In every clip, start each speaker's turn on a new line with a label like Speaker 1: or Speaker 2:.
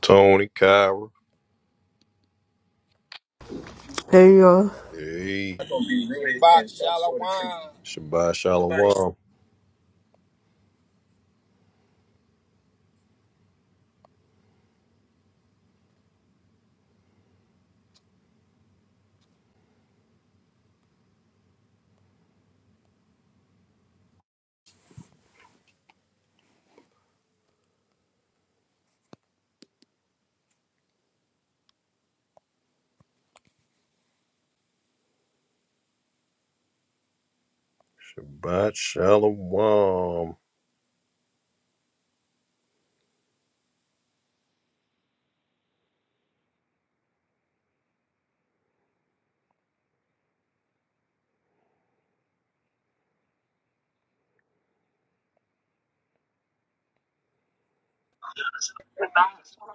Speaker 1: Tony Kyra.
Speaker 2: There you go.
Speaker 1: Hey.
Speaker 3: That's gonna be really Box Shalom.
Speaker 1: Shabbat Shalom. Shabbat Shalom.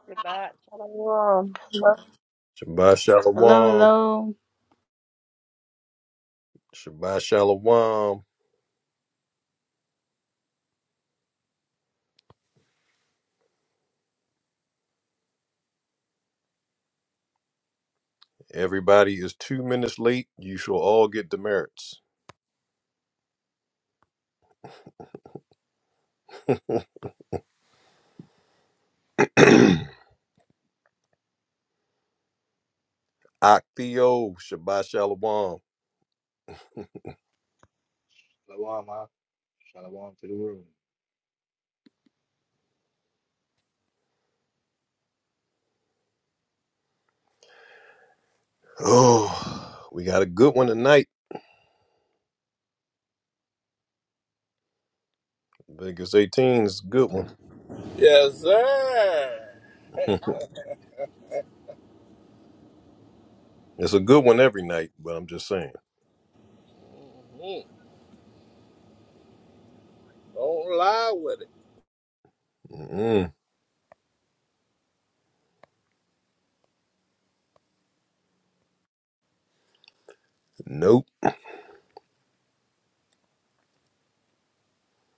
Speaker 4: Goodbye. Shalom.
Speaker 1: Shabbat
Speaker 5: Hello.
Speaker 1: Shalom. Shabbat Shalom. Everybody is two minutes late. You shall all get demerits. Akthio. Shabbat Shalom.
Speaker 6: Shalom, ma. Shalom to the room.
Speaker 1: Oh, we got a good one tonight. I think it's 18. It's a good one.
Speaker 3: Yes, sir.
Speaker 1: it's a good one every night, but I'm just saying.
Speaker 3: Don't lie with it.
Speaker 1: Mm-mm. Nope.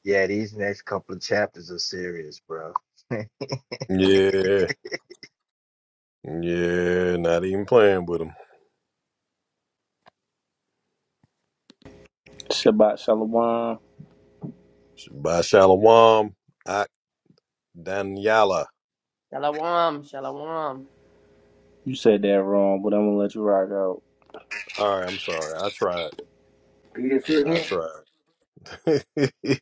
Speaker 6: Yeah, these next couple of chapters are serious, bro.
Speaker 1: Yeah. Yeah. Not even playing with them.
Speaker 7: Shabbat Shalom.
Speaker 1: Shabbat Shalom. Ak Daniela.
Speaker 4: Shalom. Shalom.
Speaker 7: You said that wrong, but I'm gonna let you rock out.
Speaker 1: All right, I'm sorry. I tried. I tried.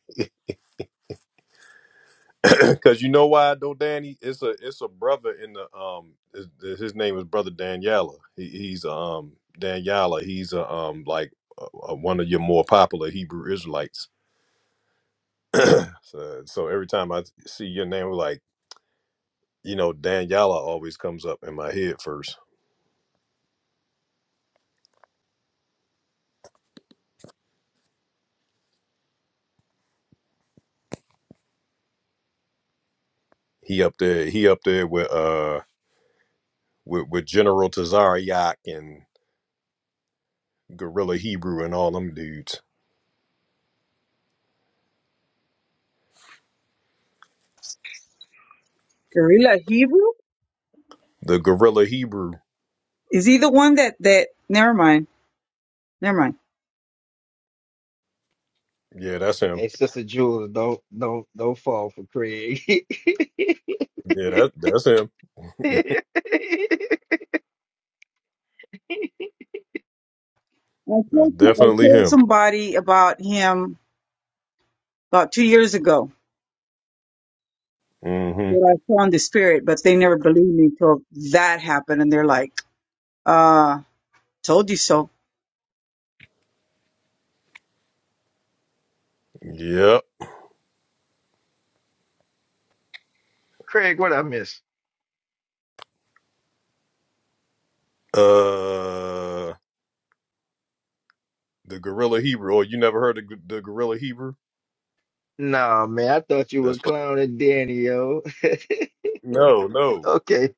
Speaker 1: Cause you know why though, Danny? It's a it's a brother in the um his, his name is brother Daniela. He, he's um Daniela. He's a um like uh uh, one of your more popular Hebrew Israelites. So, so every time I see your name, like you know Daniela always comes up in my head first. He up there. He up there with uh with, with General Tazariak and Gorilla Hebrew and all them dudes.
Speaker 8: Gorilla Hebrew?
Speaker 1: The Gorilla Hebrew.
Speaker 8: Is he the one that that? Never mind. Never mind.
Speaker 1: Yeah, that's him.
Speaker 6: Hey, Sister Jules, don't don't don't fall for Craig.
Speaker 1: Yeah, that that's him.
Speaker 8: I
Speaker 1: That's
Speaker 8: told, I
Speaker 1: definitely
Speaker 8: told
Speaker 1: him.
Speaker 8: somebody about him about two years ago
Speaker 1: Mm-hmm.
Speaker 8: that I saw in the spirit, but they never believed me until that happened, and they're like, "Uh, told you so."
Speaker 1: Yep.
Speaker 6: Craig, what I miss?
Speaker 1: Uh, the Gorilla Hebrew. Oh, you never heard of G- the Gorilla Hebrew?
Speaker 6: Nah, man, I thought you
Speaker 1: That's
Speaker 6: were
Speaker 1: fu-
Speaker 6: clowning Danny, yo.
Speaker 1: no, no,
Speaker 6: Okay,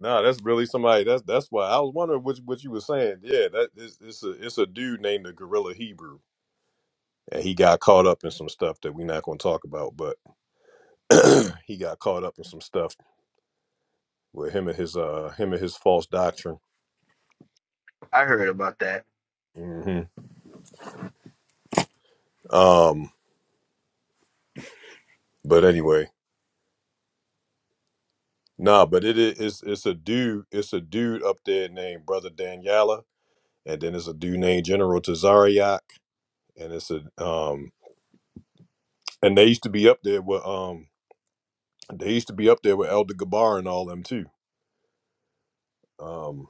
Speaker 1: nah. That's really somebody. That's that's why I was wondering what what you were saying. Yeah, that is it's it's a it's a dude named the Gorilla Hebrew, and he got caught up in some stuff that we're not going to talk about. But he got caught up in some stuff with him and his uh him and his false doctrine.
Speaker 6: I heard about that.
Speaker 1: Mm-hmm. Um, but anyway, nah, but it is it's, it's a dude, it's a dude up there named Brother Daniela, and then it's a dude named General Tazariak, and it's a um and they used to be up there with um they used to be up there with Elder Gabar and all them too. Um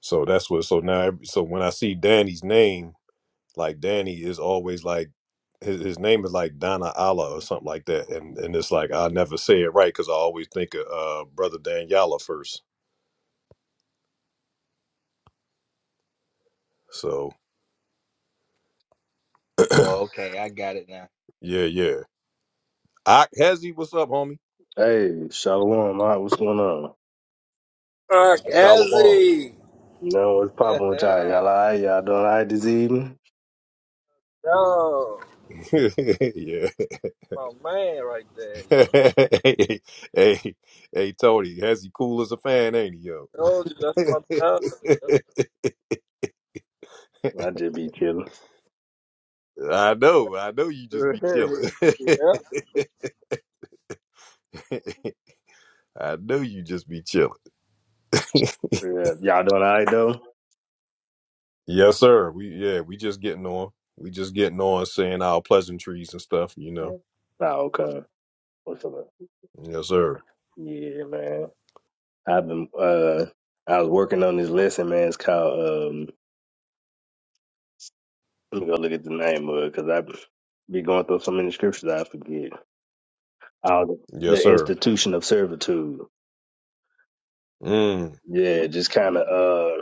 Speaker 1: so that's what so now every- so when I see Danny's name, like Danny is always like his, his name is like Donna Allah or something like that. And and it's like I never say it right because I always think of uh brother Daniela first. So
Speaker 6: Oh, okay, I got it now.
Speaker 1: yeah, yeah. Ak Hezzy, what's up, homie?
Speaker 9: Hey, Shalom, all right, what's going on?
Speaker 3: Fuck
Speaker 1: Shabbat Shalom.
Speaker 3: Ezzy.
Speaker 9: You know what's popping with y'all? Y'all
Speaker 3: Yeah.
Speaker 9: all right? Y'all doing all right this evening?
Speaker 3: Yo,
Speaker 1: yeah.
Speaker 3: my man right there, yo.
Speaker 1: hey, hey, hey, Tony, Hezzy cool as a fan, ain't he, yo?
Speaker 3: Told you that's my dog,
Speaker 9: I just be chilling.
Speaker 1: I know, I know you just
Speaker 3: yo.
Speaker 1: be chilling.
Speaker 3: yeah.
Speaker 1: I know you just be chilling.
Speaker 9: Yeah, y'all doing all right though?
Speaker 1: Yes, sir. We yeah, we just getting on. We just getting on, saying our pleasantries and stuff, you know.
Speaker 9: Nah, okay. What's up?
Speaker 1: Yes, sir.
Speaker 9: Yeah, man. I've been uh, I was working on this lesson, man. It's called um. Let me go look at the name of it because I be going through so many scriptures I forget. Uh, the
Speaker 1: Yes, sir.
Speaker 9: institution of servitude.
Speaker 1: Mm.
Speaker 9: Yeah, just kind of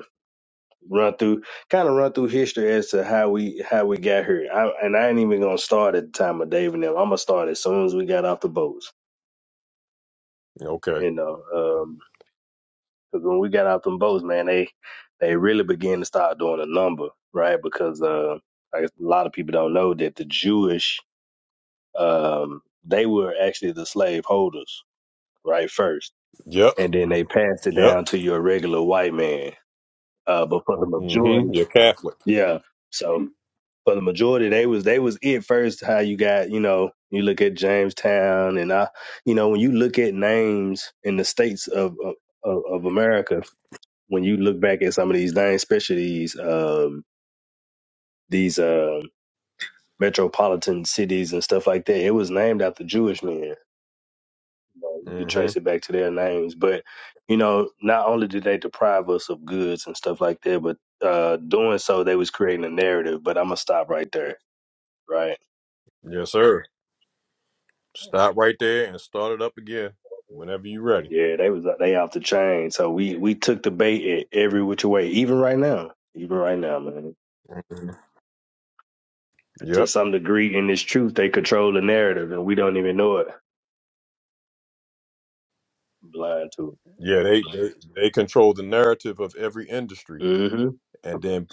Speaker 9: run through kind of run through history as to how we how we got here. I, and I ain't even gonna start at the time of Dave and them. I'm gonna start as soon as we got off the boats.
Speaker 1: Okay.
Speaker 9: You know, because when we got off them boats, man, they they really began to start doing a number, right? Because uh, I guess a lot of people don't know that the Jewish um, they were actually the slave holders, right? First,
Speaker 1: Yep.
Speaker 9: and then they passed it
Speaker 1: Yep.
Speaker 9: down to your regular white man. Uh, but for the majority
Speaker 1: Mm-hmm. You're Catholic.
Speaker 9: Yeah. So for the majority, they was they was it first. How you got you know you look at Jamestown and I you know when you look at names in the states of of, of America, when you look back at some of these names, especially these um, these uh, metropolitan cities and stuff like that, it was named after Jewish men. You, know, you could trace
Speaker 1: Mm-hmm.
Speaker 9: it back to their names, but you know not only did they deprive us of goods and stuff like that, but uh, doing so they was creating a narrative. But I'm gonna stop right there, right?
Speaker 1: Yes, sir. Stop right there and start it up again whenever you're ready.
Speaker 9: Yeah, they was they off the chain. So we we took the bait at every which way, even right now, even right now, man.
Speaker 1: Mhm.
Speaker 9: To
Speaker 1: Yep.
Speaker 9: some degree, in this truth, they control the narrative, and we don't even know it. Blind to.
Speaker 1: Yeah, they, they they control the narrative of every
Speaker 9: it.
Speaker 1: industry,
Speaker 9: Mm-hmm.
Speaker 1: and then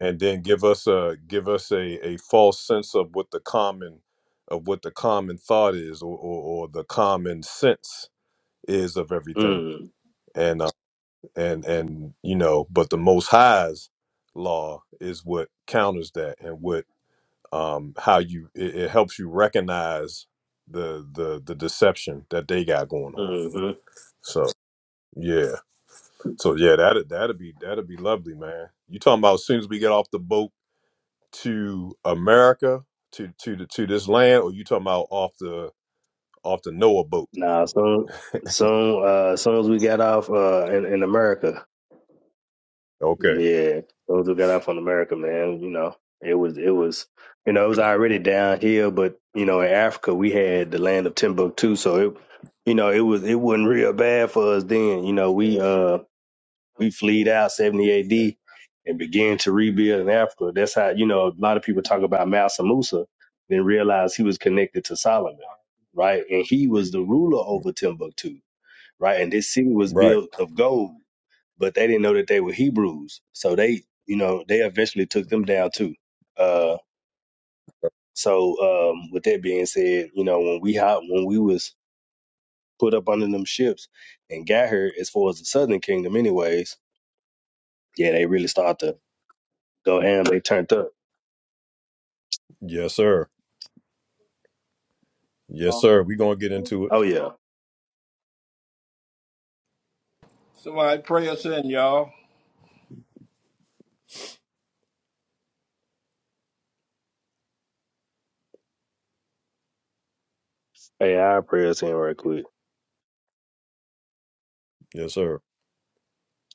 Speaker 1: and then give us a give us a, a false sense of what the common of what the common thought is, or, or, or the common sense is of everything.
Speaker 9: Mm.
Speaker 1: And uh, and and you know, but the Most High's law is what counters that, and what um, how you it, it helps you recognize the the the deception that they got going on.
Speaker 9: Mm-hmm.
Speaker 1: So yeah, so yeah, that would that'd be that'd be lovely, man. You talking about as soon as we get off the boat to America to to the, to this land, or you talking about off the off the Noah boat?
Speaker 9: Nah. Soon, soon, uh, soon as we got off uh, in in America.
Speaker 1: Okay,
Speaker 9: Yeah, those who got out from America, man, you know, it was it was you know, it was already downhill, but you know, in Africa we had the land of Timbuktu, so it you know, it was it wasn't real bad for us then. You know, we uh we fleed out seventy AD and began to rebuild in Africa. That's how you know, a lot of people talk about Massa Musa, then realize he was connected to Solomon, right? And he was the ruler over Timbuktu, right? And this city was
Speaker 1: right.
Speaker 9: built of gold but they didn't know that they were Hebrews. So they, you know, they eventually took them down too. Uh, so um, with that being said, you know, when we hop, when we was put up under them ships and got here, as far as the Southern Kingdom, anyways, yeah, they really started to go ham. They turned up.
Speaker 1: Yes, sir. Yes, sir. We gonna get into it.
Speaker 9: Oh yeah.
Speaker 3: Somebody pray us in, y'all.
Speaker 9: Hey, I prayers in right quick.
Speaker 1: Yes, sir.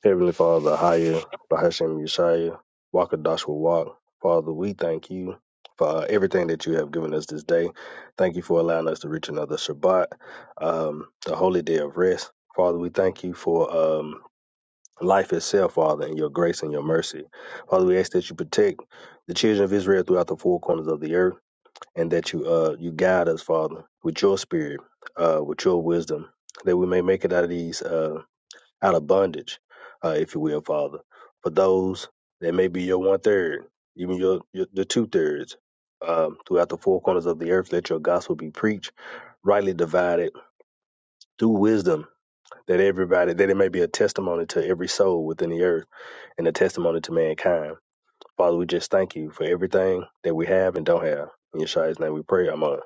Speaker 9: Heavenly Father, Haya, Bahashem Yeshaya, Wakadash will walk. Father, we thank you for everything that you have given us this day. Thank you for allowing us to reach another Shabbat, um, the holy day of rest. Father, we thank you for um, life itself, Father, and your grace and your mercy. Father, we ask that you protect the children of Israel throughout the four corners of the earth, and that you uh, you guide us, Father, with your spirit, uh, with your wisdom, that we may make it out of these. Uh, out of bondage, uh, if you will, Father. For those that may be your one third, even your, your the two thirds, um, throughout the four corners of the earth, let your gospel be preached, rightly divided through wisdom, that everybody that it may be a testimony to every soul within the earth and a testimony to mankind. Father, we just thank you for everything that we have and don't have. In Yeshua's name we pray. I'm on.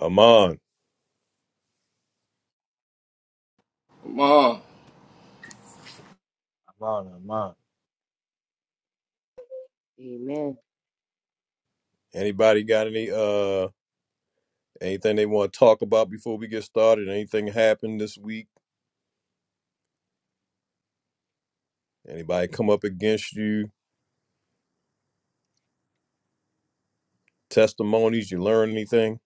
Speaker 1: Amon,
Speaker 3: Come on.
Speaker 6: I'm on, I'm on.
Speaker 4: Amen.
Speaker 1: anybody got any uh anything they want to talk about before we get started? Anything happened this week? Anybody come up against you? Testimonies? You learn anything?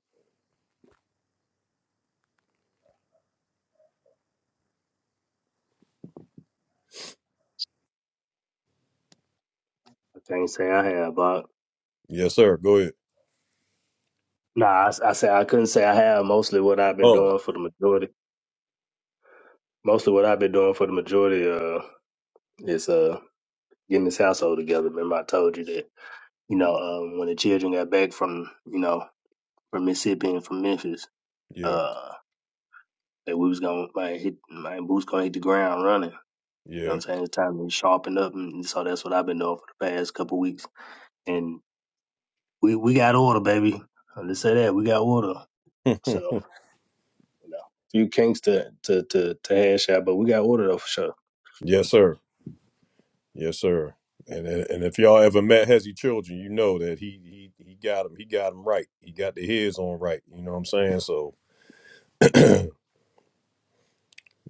Speaker 9: I can't say I have, but
Speaker 1: Yes, sir. Go ahead.
Speaker 9: nah, I, I say I couldn't say I have mostly what I've been
Speaker 1: Oh,
Speaker 9: doing for the majority most of what I've been doing for the majority uh is uh getting this household together. Remember I told you that, you know, um when the children got back from, you know, from Mississippi and from Memphis,
Speaker 1: yeah,
Speaker 9: uh that we was gonna hit my boots gonna hit the ground running. You know what
Speaker 1: yeah.
Speaker 9: I'm saying? It's time to sharpen up and so that's what I've been doing for the past couple of weeks. And we we got order, baby. Let's say that we got order. So, you know, few kinks to to to, to hash out, but we got order though for sure.
Speaker 1: yes, sir. Yes, sir. And and and if y'all ever met Hezzy Children, you know that he he he got him. He got him right. He got the his on right. You know what I'm saying? So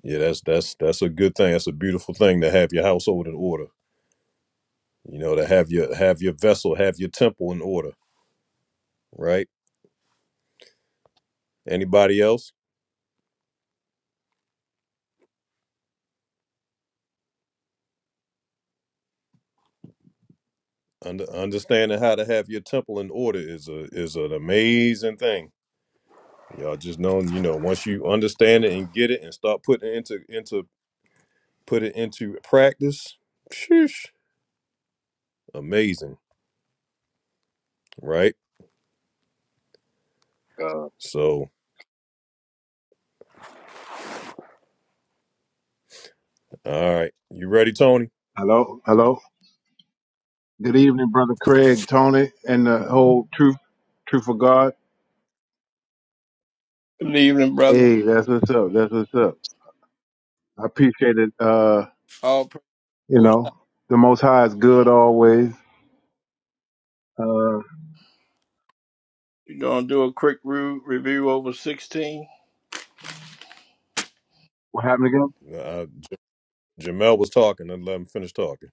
Speaker 1: yeah, that's that's that's a good thing. That's a beautiful thing to have your household in order. You know, to have your have your vessel, have your temple in order. Right? Anybody else? Under, understanding how to have your temple in order is a is an amazing thing Y'all just know, you know, once you understand it and get it and start putting it into into put it into practice, sheesh, amazing, right?
Speaker 9: Uh,
Speaker 1: So, all right, you ready, Tony?
Speaker 10: Hello, hello. Good evening, brother Craig, Tony, and the whole truth, truth of God.
Speaker 3: Good evening, brother.
Speaker 10: Hey, that's what's up. That's what's up. I appreciate it. Uh,
Speaker 3: All
Speaker 10: you
Speaker 3: promotion.
Speaker 10: know, the Most High is good always. Uh,
Speaker 3: We're gonna do a quick re- review over sixteen.
Speaker 10: what happened again?
Speaker 1: Uh, Jamel was talking, and let him finish talking.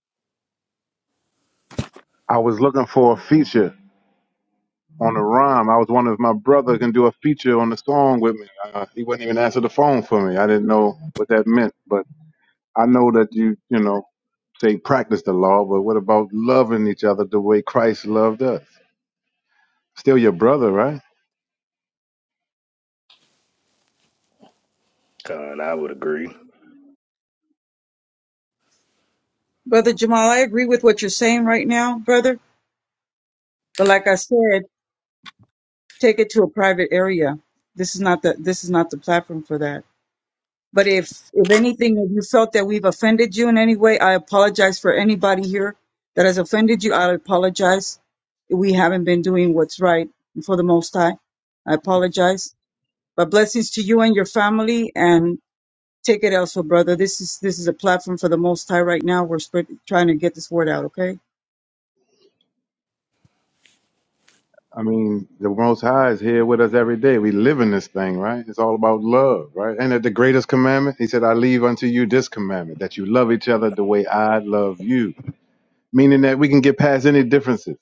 Speaker 10: I was looking for a feature on a rhyme. I was wondering if my brother can do a feature on the song with me. Uh, he wouldn't even answer the phone for me. I didn't know what that meant, but I know that you, you know, say practice the law. But what about loving each other the way Christ loved us? Still your brother, right?
Speaker 9: uh, and I would agree.
Speaker 8: Brother Jamal, I agree with what you're saying right now, brother. But like I said, take it to a private area. This is not the this is not the platform for that. But if if anything, if you felt that we've offended you in any way, I apologize for anybody here that has offended you. I apologize. We haven't been doing what's right for the Most High. I apologize. But blessings to you and your family, and take it elsewhere, brother. This is this is a platform for the Most High right now. We're spread, trying to get this word out. Okay.
Speaker 10: I mean, the Most High is here with us every day. We live in this thing, right? It's all about love, right? And at the greatest commandment, he said, I leave unto you this commandment that you love each other the way I love you, meaning that we can get past any differences.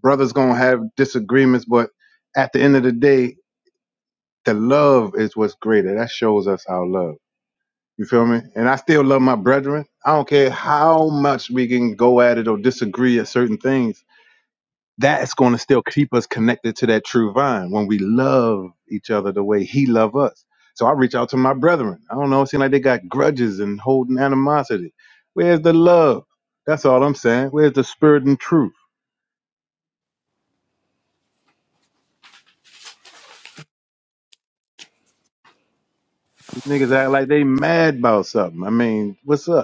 Speaker 10: Brothers going to have disagreements, but at the end of the day, the love is what's greater. That shows us our love. You feel me? And I still love my brethren. I don't care how much we can go at it or disagree at certain things that's going to still keep us connected to that true vine when we love each other the way he loved us. So I reach out to my brethren. I don't know, it seems like they got grudges and holding animosity. Where's the love? That's all I'm saying. Where's the spirit and truth? These niggas act like they mad about something. I mean, what's up?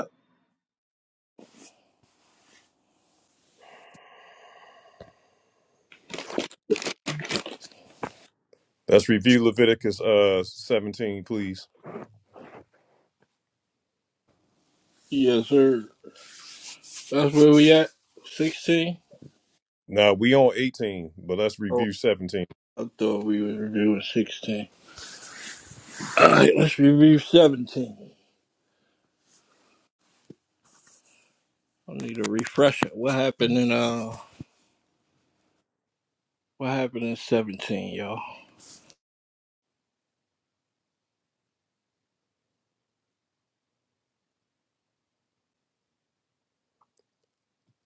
Speaker 1: Let's review Leviticus uh 17, please.
Speaker 3: Yes, sir. That's where we at? Sixteen?
Speaker 1: Now we on 18, but let's
Speaker 3: Oh.
Speaker 1: review 17.
Speaker 3: I thought we were reviewing 16. All right, let's review seventeen. I need a refresher. What happened in uh? What happened in seventeen, y'all?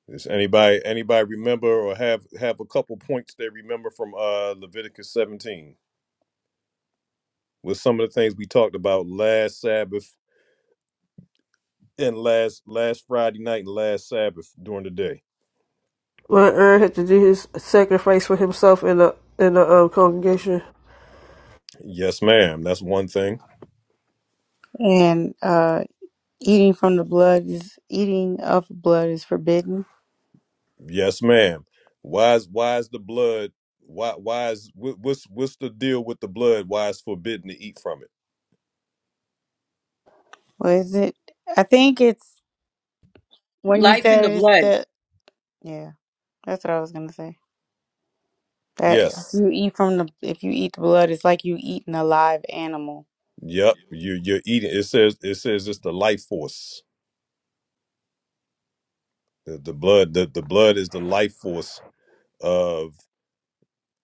Speaker 1: Does anybody anybody remember or have have a couple points they remember from uh Leviticus 17 with some of the things we talked about last Sabbath and last last Friday night and last Sabbath during the day.
Speaker 2: When Aaron had to do his sacrifice for himself in the in the um, congregation.
Speaker 1: Yes, ma'am. That's one thing.
Speaker 5: And uh, eating from the blood is eating of blood is forbidden.
Speaker 1: Yes, ma'am. Why is why is the blood? Why why is wh- what's what's the deal with the blood? Why it's forbidden to eat from it?
Speaker 5: What is it? I think it's when you
Speaker 8: Life in
Speaker 5: said
Speaker 8: the
Speaker 5: it's
Speaker 8: blood.
Speaker 5: that. Yeah, that's what I was gonna say. That if
Speaker 1: Yes.
Speaker 5: you eat from the if you eat the blood, it's like you eating a live animal.
Speaker 1: Yep. You you're eating. It says it says it's the life force. The, the blood the, the blood is the life force of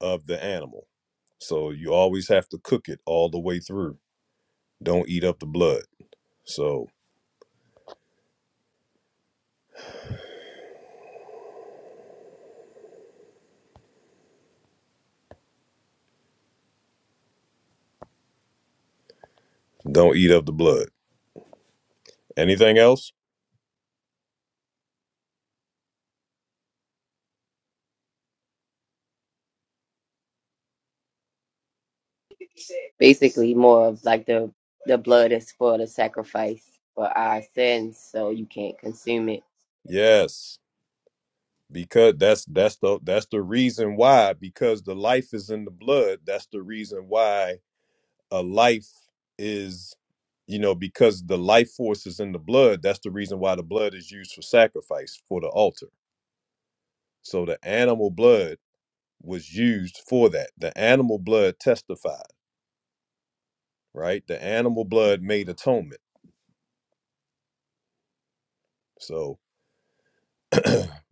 Speaker 1: of the animal. So you always have to cook it all the way through. Don't eat up the blood. So don't eat up the blood. Anything else?
Speaker 4: Basically, more of like the the blood is for the sacrifice for our sins, so you can't consume it.
Speaker 1: Yes, because that's that's the that's the reason why because the life is in the blood. That's the reason why a life is you know because the life force is in the blood. That's the reason why the blood is used for sacrifice for the altar. So the animal blood was used for that. The animal blood testified, right? The animal blood made atonement. So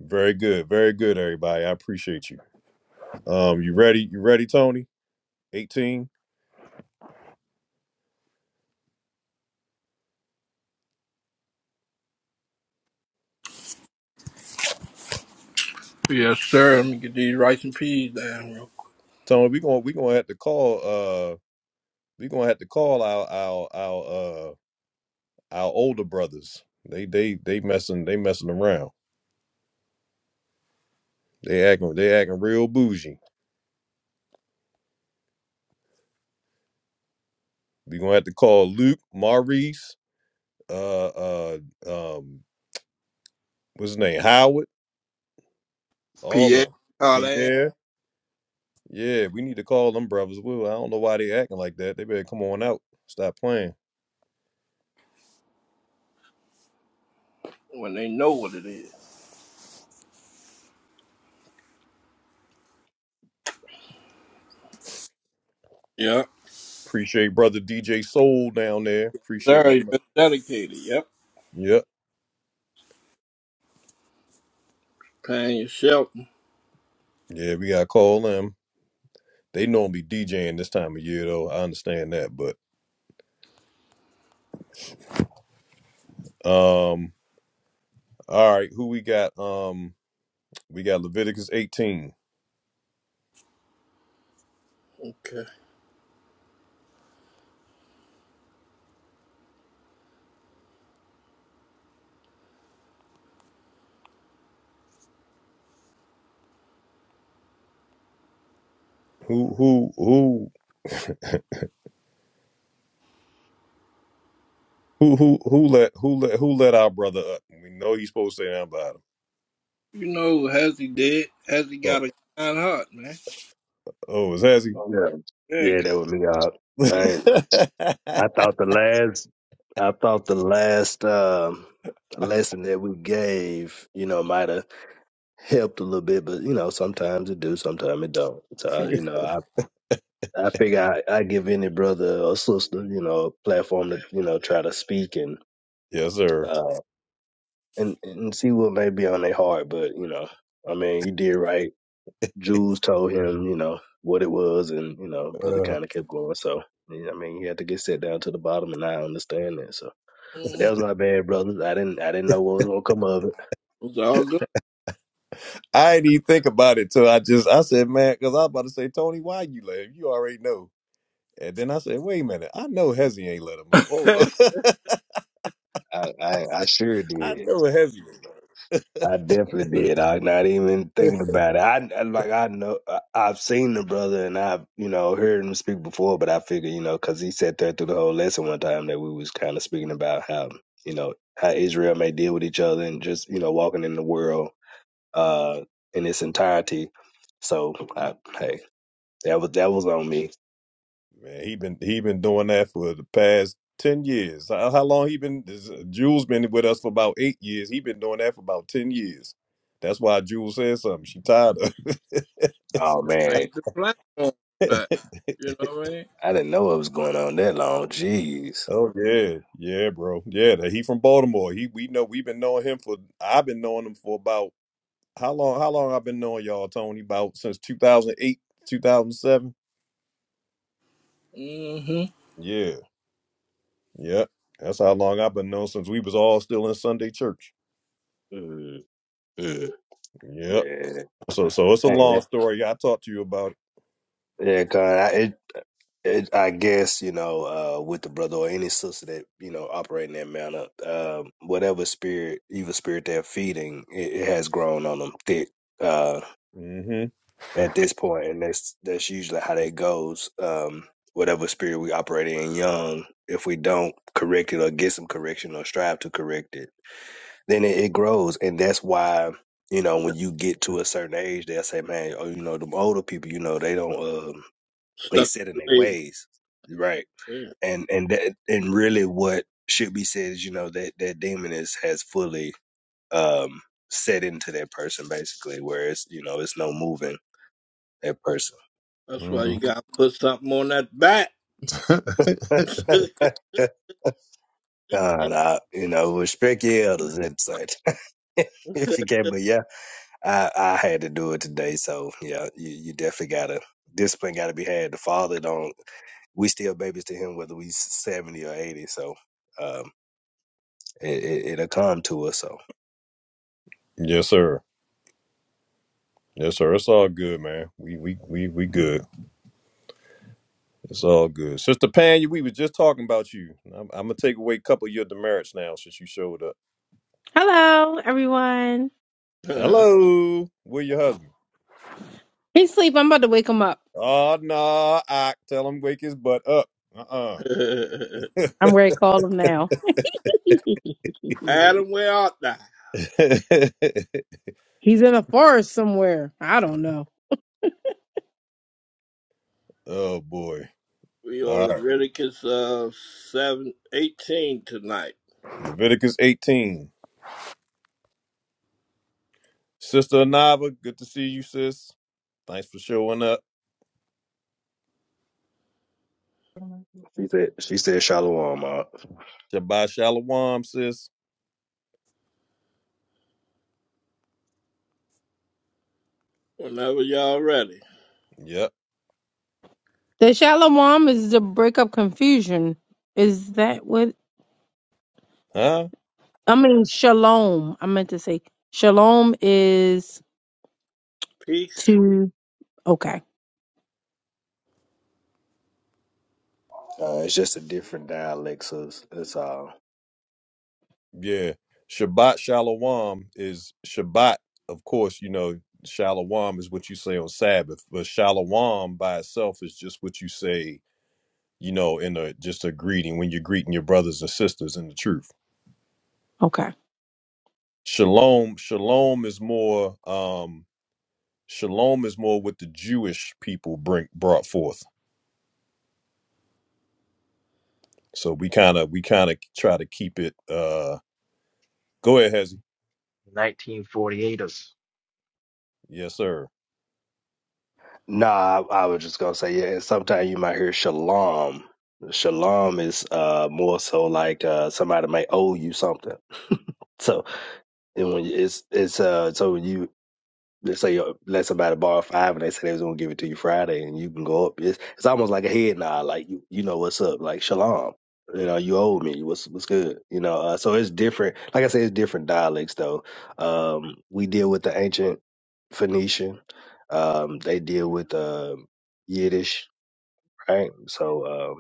Speaker 1: very good, very good everybody. I appreciate you. Um you ready? You ready Tony? 18
Speaker 3: Yes, sir. Let me get these rice and peas down real quick.
Speaker 1: Tony, we going we gonna have to call uh we gonna have to call our our our uh our older brothers. They they they messing they messing around. They acting they acting real bougie. We gonna have to call Luke, Maurice, uh uh um what's his name Howard, all of
Speaker 3: P. A.
Speaker 1: them.
Speaker 3: Carlin,
Speaker 1: Pierre, yeah, we need to call them brothers. Well, I don't know why they acting like that. They better come on out. Stop playing.
Speaker 3: when they know what it is. Yep.
Speaker 1: Appreciate brother DJ Soul down there. Appreciate
Speaker 3: Sir,
Speaker 1: my.
Speaker 3: you've been dedicated. Yep.
Speaker 1: Yep.
Speaker 3: Paying your shelter.
Speaker 1: Yeah, we gotta call them. They normally DJing this time of year though. I understand that, but um, all right. Who we got? Um, we got Leviticus 18.
Speaker 3: Okay.
Speaker 1: Who who who who who who let who let who let our brother up? We know he's supposed to say nothing about
Speaker 3: You know, has he did? Has he
Speaker 1: him. Oh,
Speaker 3: got a kind heart, man?
Speaker 1: oh is Hezzy?
Speaker 9: Yeah,
Speaker 3: Yeah,
Speaker 9: yeah,
Speaker 3: 'cause,
Speaker 9: that was me. Uh, I
Speaker 3: you
Speaker 9: ain't- I thought the last, I thought the last um, lesson that we gave, you know, might have helped a little bit, but you know, sometimes it do, sometimes it don't. So
Speaker 3: know,
Speaker 9: you know, I I figure I, I give any brother or sister, you know, a platform to you know try to speak and
Speaker 1: yes, sir.
Speaker 9: uh and and see what may be on their heart. But you know, I mean, you did right Jules told him, you know, what it was, and you know, brother
Speaker 1: Uh,
Speaker 9: kind of kept going. So, yeah, I mean, he had to get set down to the bottom, and I understand that. So, but that
Speaker 3: mhm,
Speaker 9: was my bad, brother. I didn't, I didn't know what was gonna come of it.
Speaker 3: it's all good.
Speaker 1: I didn't even think about it till I just I said, man, because I was about to say, Tony, why you laugh? You already know. And then I said, wait a minute, I know Hezzy ain't let him up. Hold
Speaker 3: this
Speaker 1: on.
Speaker 9: I, I, I sure
Speaker 1: I
Speaker 9: did.
Speaker 1: know Hezzy ain't let him up.
Speaker 9: I definitely did. I'm not even thinking about it. I, I like I know I, I've seen the brother and I've you know heard him speak before, but I figured you know because he sat there through the whole lesson one time that we was kind of speaking about how you know how Israel may deal with each other and just you know walking in the world uh, in its entirety. So I, hey, that was that was on me.
Speaker 1: Man, he been he been doing that for the past ten years. How, how long he been is- Jules been with us for about eight years. He been doing that for about ten years. That's why Jules said something. She tired of
Speaker 9: Oh
Speaker 1: it.
Speaker 9: man,
Speaker 3: ain't the platform, man. You know what I
Speaker 9: I didn't know it was going on that long. Jeez.
Speaker 1: oh yeah. Yeah, bro. Yeah, that he from Baltimore. He we know we've been knowing him for I've been knowing him for about how long how long I've been knowing y'all, Tony? About since two thousand eight, two thousand seven?
Speaker 3: mean? Mm-hmm.
Speaker 1: Yeah. Yep. That's how long I've been known since we was all still in Sunday church.
Speaker 9: Mm, mm.
Speaker 1: Yep.
Speaker 9: Yeah.
Speaker 1: So so it's a
Speaker 9: Hey,
Speaker 1: long
Speaker 9: that,
Speaker 1: story. I talked to you about
Speaker 9: yeah, God. I, it, it, I guess you know, uh, with the brother or any sister that you know operating that manner, um, whatever spirit, evil spirit they're feeding, it, it has grown on them thick. uh,
Speaker 1: it.
Speaker 9: at this point, and that's that's usually how that goes. Um, whatever spirit we operate in young, if we don't correct it or get some correction or strive to correct it, then it, it grows, and that's why you know when you get to a certain age, they'll say, "Man, oh, you know, them older people, you know, they don't um, they
Speaker 3: Stuck
Speaker 9: set in their
Speaker 3: away.
Speaker 9: ways, right?"
Speaker 3: Yeah,
Speaker 9: And and that and really what should be said is, you know, that that demon is has fully um set into that person basically, where it's you know it's no moving that person.
Speaker 3: That's why
Speaker 1: Mm-hmm.
Speaker 3: you gotta put something on that back.
Speaker 1: hmm
Speaker 9: God, I, you know, respect your elders and such. if you can, but yeah, I, I had to do it today. So yeah, you, you definitely gotta discipline gotta be had. The father don't. We still babies to him whether we seventy or eighty. So um, it, it, it'll come to us. So
Speaker 1: Yes, sir. Yes, sir. It's all good, man. We we we we good. It's all good. Sister Pan, we was just talking about you. I'm, I'm gonna take away a couple of your demerits now since you showed up.
Speaker 11: Hello, everyone.
Speaker 1: Hello, where your husband?
Speaker 11: He's asleep. I'm about to wake him up.
Speaker 1: Oh no, I tell him wake his butt up. Uh
Speaker 11: I'm ready to call him now.
Speaker 3: Adam,
Speaker 11: He's
Speaker 3: where art thou?
Speaker 1: uh
Speaker 11: in a forest somewhere. I don't know.
Speaker 1: oh boy.
Speaker 3: We
Speaker 1: All
Speaker 3: on
Speaker 1: right.
Speaker 3: Leviticus uh, 7, eighteen tonight.
Speaker 1: Leviticus 18. Sister Anava, good to see you, sis. Thanks for showing up.
Speaker 9: she said she said shalom. Uh,
Speaker 1: Shabbat Shalom, sis.
Speaker 3: Whenever y'all ready.
Speaker 1: Yep.
Speaker 11: The shalom is to break up confusion. Is that what?
Speaker 1: Huh?
Speaker 11: I mean, shalom. I meant to say shalom is
Speaker 3: Peace.
Speaker 11: to. Okay.
Speaker 9: uh, it's just a different dialect. So it's, it's all.
Speaker 1: Yeah. Shabbat Shalom is Shabbat. Of course, you know, Shalom is what you say on Sabbath, but Shalom by itself is just what you say, you know, in a just a greeting when you're greeting your brothers and sisters in the truth.
Speaker 11: Okay.
Speaker 1: Shalom, shalom is more um shalom is more what the Jewish people bring brought forth. So we kind of we kind of try to keep it. Uh, go ahead, Hezzy.
Speaker 6: 1948ers.
Speaker 1: Yes, sir.
Speaker 9: Nah, I, I was just gonna say, yeah, and sometimes you might hear shalom. Shalom is uh more so like uh somebody might owe you something. So and when you- it's it's uh so when you Let's say uh, let somebody borrow five and they say they was gonna give it to you Friday and you can go up. It's, it's almost like a head nod, like you you know what's up, like shalom. You know, you owe me. What's what's good? You know, uh, so it's different. Like I said, it's different dialects though. Um, we deal with the ancient Phoenician. Um, they deal with uh, Yiddish, right? So um,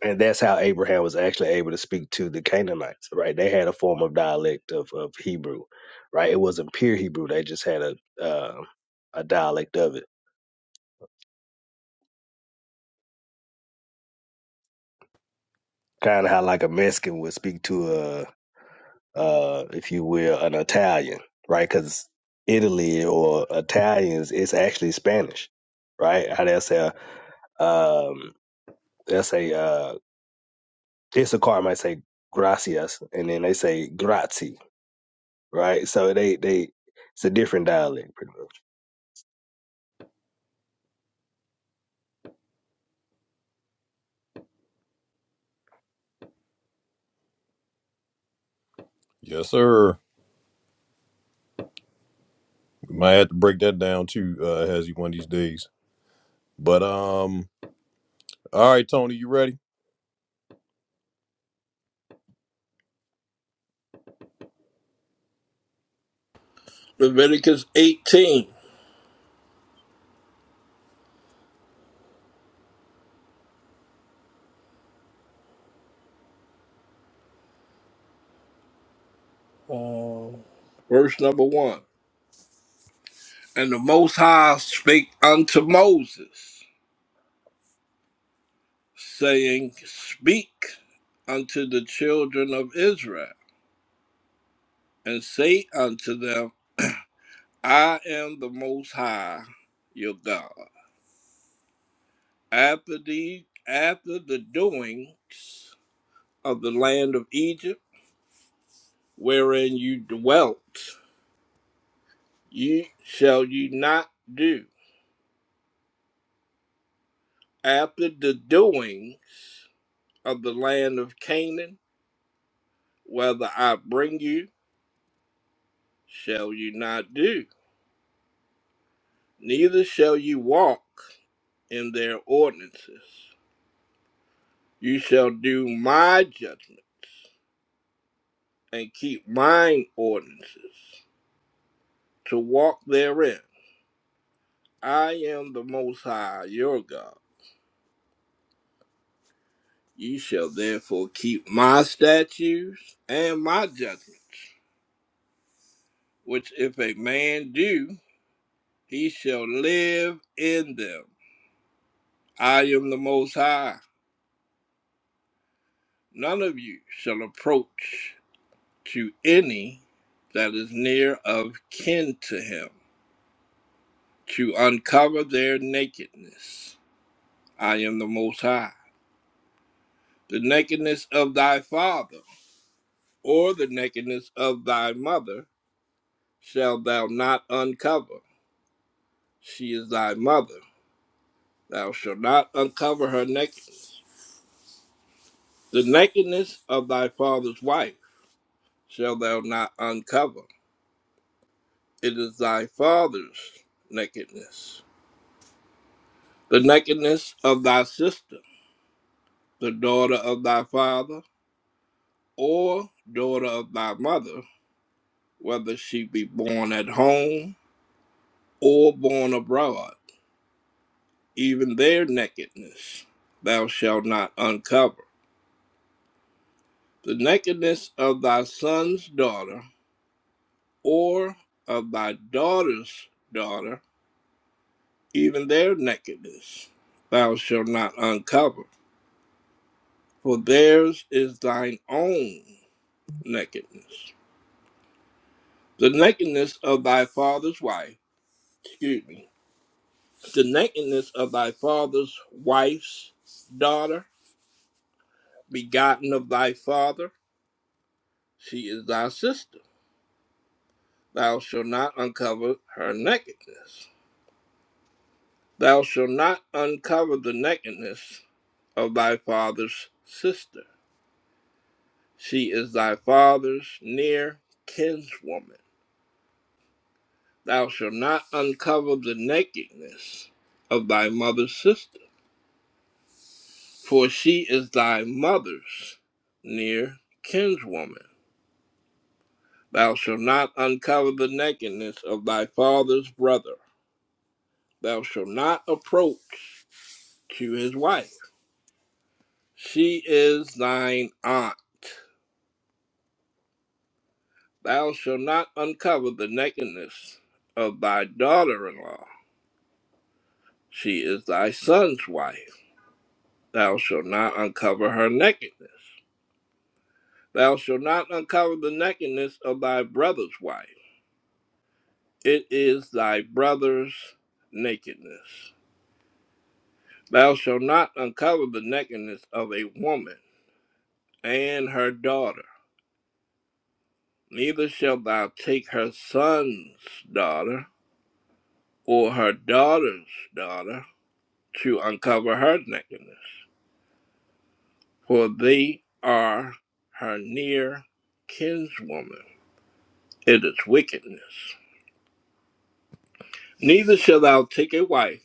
Speaker 9: and that's how Abraham was actually able to speak to the Canaanites, right? They had a form of dialect of, of Hebrew, right? It wasn't pure Hebrew. They just had a uh, a dialect of it, kind of how like a Mexican would speak to a, uh, if you will, an Italian, right? Because Italy or Italians, it's actually Spanish, right? How they say, um, they'll say, uh, Issacar might say gracias, and then they say grazie, right? So they they it's a different dialect, pretty much.
Speaker 1: Yes, sir. We might have to break that down too, uh, Hezzy, one of these days. But um, all right, Tony, you ready?
Speaker 3: Leviticus 18, uh, verse number 1. And the Most High spake unto Moses, saying, Speak unto the children of Israel, and say unto them, I am the Most High, your God. After the after the doings of the land of Egypt, wherein you dwelt, you shall you not do. After the doings of the land of Canaan, whether I bring you, shall you not do. Neither shall you walk in their ordinances. You shall do my judgment and keep mine ordinances to walk therein. I am the Most High, your God. Ye shall therefore keep my statutes and my judgments, which if a man do, he shall live in them. I am the Most High. None of you shall approach to any that is near of kin to him to uncover their nakedness. I am the Most High. The nakedness of thy father or the nakedness of thy mother shalt thou not uncover. She is thy mother. Thou shalt not uncover her nakedness. The nakedness of thy father's wife shalt thou not uncover. It is thy father's nakedness. The nakedness of thy sister, the daughter of thy father, or daughter of thy mother, whether she be born at home or born abroad even their nakedness thou shalt not uncover. The nakedness of thy son's daughter, or of thy daughter's daughter, even their nakedness thou shalt not uncover, for theirs is thine own nakedness. The nakedness of thy father's wife, excuse me, the nakedness of thy father's wife's daughter, begotten of thy father, she is thy sister Thou shalt not uncover her nakedness. Thou shalt not uncover the nakedness of thy father's sister. She is thy father's near kinswoman. Thou shalt not uncover the nakedness of thy mother's sister, for she is thy mother's near kinswoman. Thou shalt not uncover the nakedness of thy father's brother. Thou shalt not approach to his wife. She is thine aunt. Thou shalt not uncover the nakedness of thy daughter in law. She is thy son's wife. Thou shalt not uncover her nakedness. Thou shalt not uncover the nakedness of thy brother's wife. It is thy brother's nakedness. Thou shalt not uncover the nakedness of a woman and her daughter. Neither shalt thou take her son's daughter or her daughter's daughter to uncover her nakedness, for they are her near kinswoman. It is wickedness. Neither shalt thou take a wife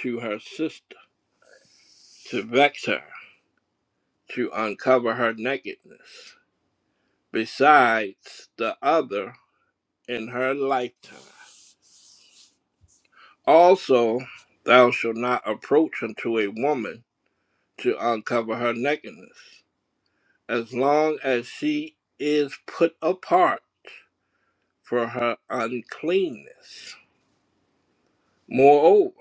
Speaker 3: to her sister to vex her, to uncover her nakedness, besides the other in her lifetime. Also, thou shalt not approach unto a woman to uncover her nakedness, as long as she is put apart for her uncleanness. Moreover,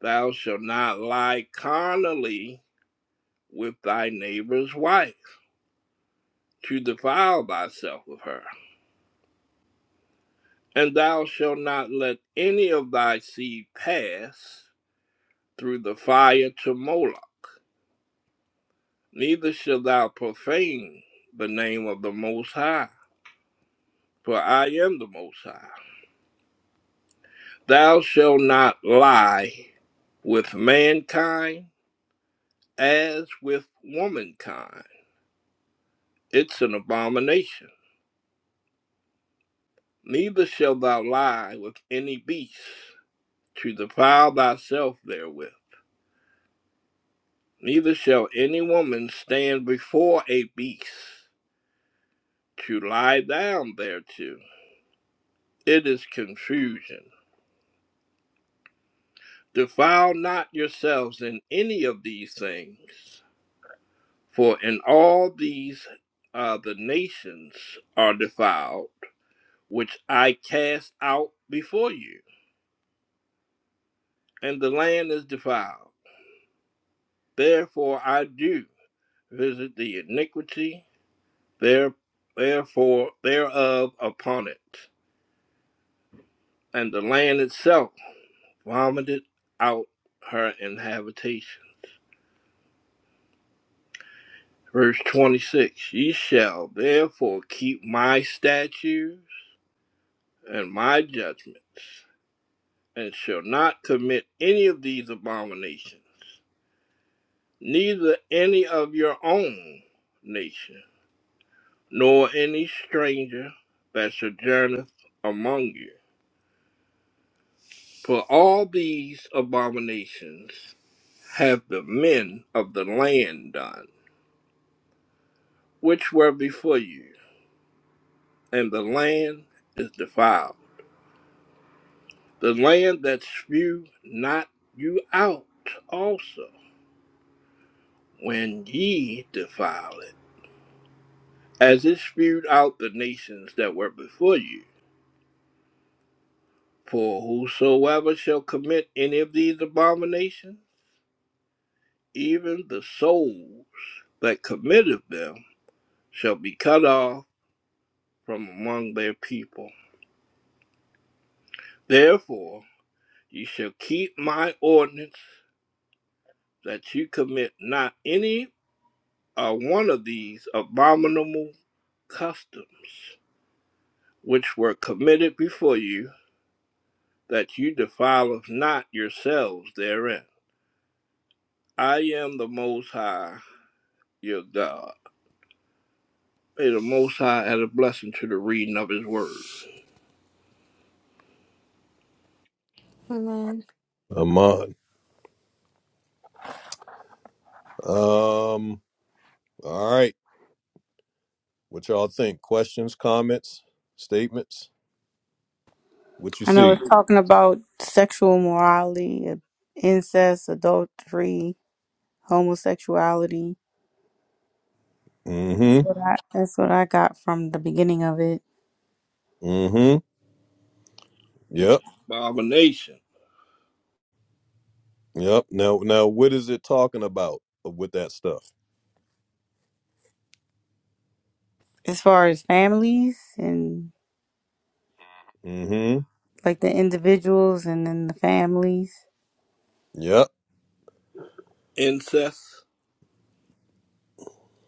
Speaker 3: thou shalt not lie carnally with thy neighbor's wife to defile thyself with her. And thou shalt not let any of thy seed pass through the fire to Moloch, neither shalt thou profane the name of the Most High, for I am the Most High. Thou shalt not lie with mankind as with womankind It's an abomination. Neither shalt thou lie with any beast to defile thyself therewith. Neither shall any woman stand before a beast to lie down thereto. It is confusion. Defile not yourselves in any of these things, for in all these uh, the nations are defiled, which I cast out before you, and the land is defiled. Therefore I do. visit the iniquity there, therefore thereof upon it, and the land itself vomited out her inhabitation. Verse 26 Ye shall therefore keep my statutes and my judgments, and shall not commit any of these abominations, neither any of your own nation, nor any stranger that sojourneth among you For all these abominations have the men of the land done, which were before you, and the land is defiled. The land that spew not you out also, when ye defile it, as it spewed out the nations that were before you. For whosoever shall commit any of these abominations, even the soul that committeth them shall be cut off from among their people. Therefore, you shall keep my ordinance that you commit not any or one of these abominable customs which were committed before you, that you defile not yourselves therein. I am the Most High, your God. May the Most High add a blessing to the reading of His Word.
Speaker 12: Man,
Speaker 1: I'm on. Um, all right. What y'all think? Questions, comments, statements? What you
Speaker 5: I know
Speaker 1: see?
Speaker 5: it's talking about sexual morality, incest, adultery, homosexuality. That's
Speaker 1: Mm-hmm.
Speaker 5: what I. That's what I got from the beginning of it.
Speaker 1: Mm-hmm.
Speaker 3: It's
Speaker 1: Yep.
Speaker 3: abomination,
Speaker 1: Yep. Now, now, what is it talking about with that stuff?
Speaker 5: As far as families and
Speaker 1: Mm-hmm.
Speaker 5: like the individuals and then the families.
Speaker 1: Yep.
Speaker 3: incest,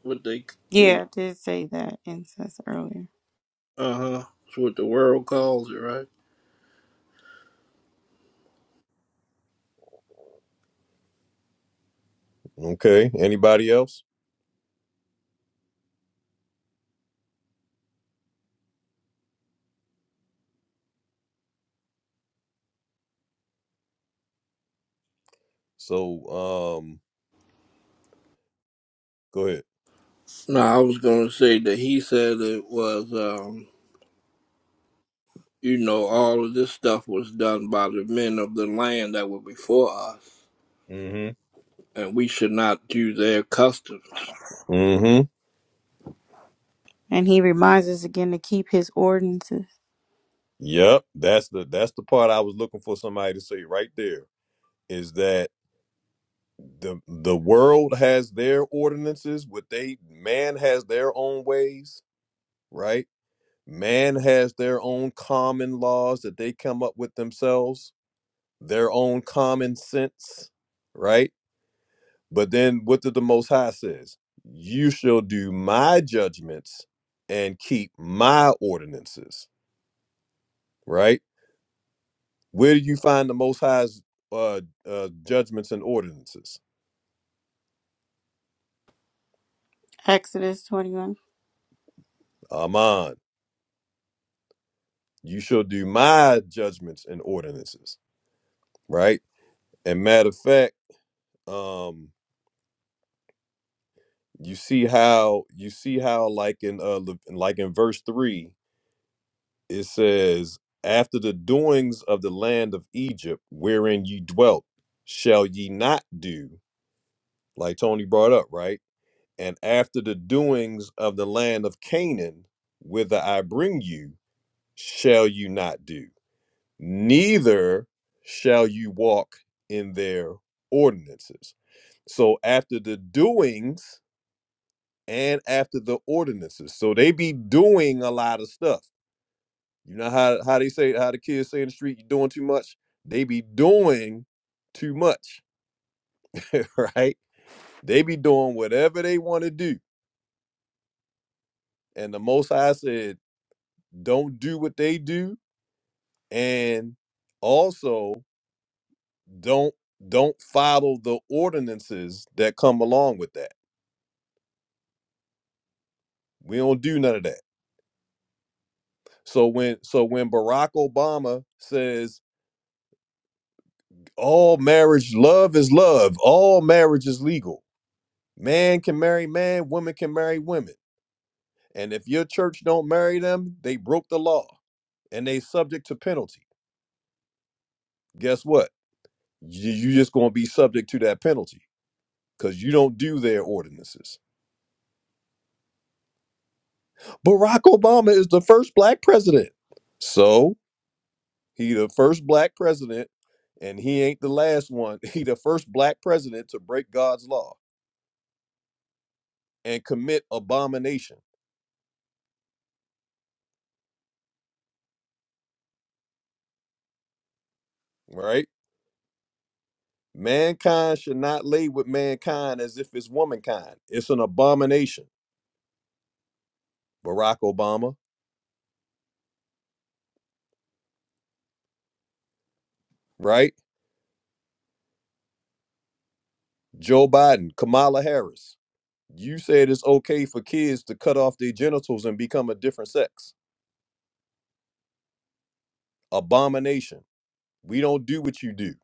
Speaker 3: what they,
Speaker 5: Yeah, I did say that incest earlier.
Speaker 3: uh huh, what the world calls it, right?
Speaker 1: Okay. Anybody else? So, um, go ahead.
Speaker 3: No, I was going to say that he said it was, um, you know, all of this stuff was done by the men of the land that were before us,
Speaker 1: Mm-hmm.
Speaker 3: and we should not do their customs
Speaker 1: Mm-hmm.
Speaker 5: And he reminds us again to keep his ordinances.
Speaker 1: Yep. That's the that's the part I was looking for somebody to say right there is that the the world has their ordinances, what they man has their own ways, right? Man has their own common laws that they come up with themselves, their own common sense, right? But then what did the most high says? You shall do my judgments and keep my ordinances, right? Where do you find the Most High's uh, uh, judgments and ordinances?
Speaker 5: Exodus 21.
Speaker 1: Aman, you shall do my judgments and ordinances, right? And matter of fact, um, you see how you see how like in uh, Le- like in verse three, it says, "After the doings of the land of Egypt, wherein ye dwelt, shall ye not do," like Tony brought up, right? And after the doings of the land of Canaan, whither I bring you. shall you not do, neither shall you walk in their ordinances. So after the doings and after the ordinances. So they be doing a lot of stuff. You know how, how they say how the kids say in the street, you doing too much? They be doing too much, right? They be doing whatever they want to do. And the most high said, don't do what they do. And also Don't don't follow the ordinances that come along with that. We don't do none of that. So when so when Barack Obama says all marriage love is love, all marriage is legal. Man can marry man, women can marry women. And if your church don't marry them, they broke the law and they subject to penalty. Guess what? You, you just going to be subject to that penalty cuz you don't do their ordinances. Barack Obama is the first black president. So, He the first black president, and he ain't the last one. He the first black president to break God's law and commit abomination. Right? Mankind should not lay with mankind as if it's womankind. It's an abomination. Barack Obama, right? Joe Biden, Kamala Harris. You said it's okay for kids to cut off their genitals and become a different sex. Abomination. We don't do what you do,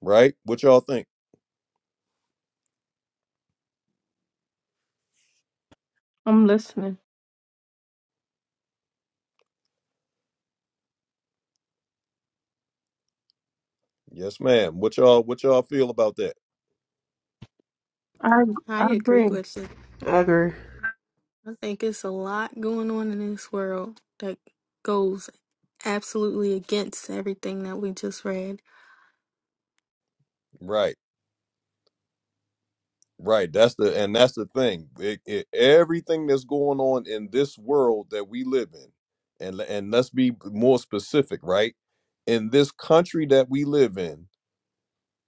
Speaker 1: right? What y'all think?
Speaker 11: I'm listening.
Speaker 1: Yes, ma'am. What y'all what y'all feel about that?
Speaker 11: I
Speaker 12: I
Speaker 11: I
Speaker 12: agree
Speaker 11: agree.
Speaker 12: with it.
Speaker 2: I agree.
Speaker 12: I think it's a lot going on in this world that goes absolutely against everything that we just read.
Speaker 1: Right. Right. That's the and that's the thing. It, it, everything that's going on in this world that we live in, and le- and let's be more specific, right? In this country that we live in,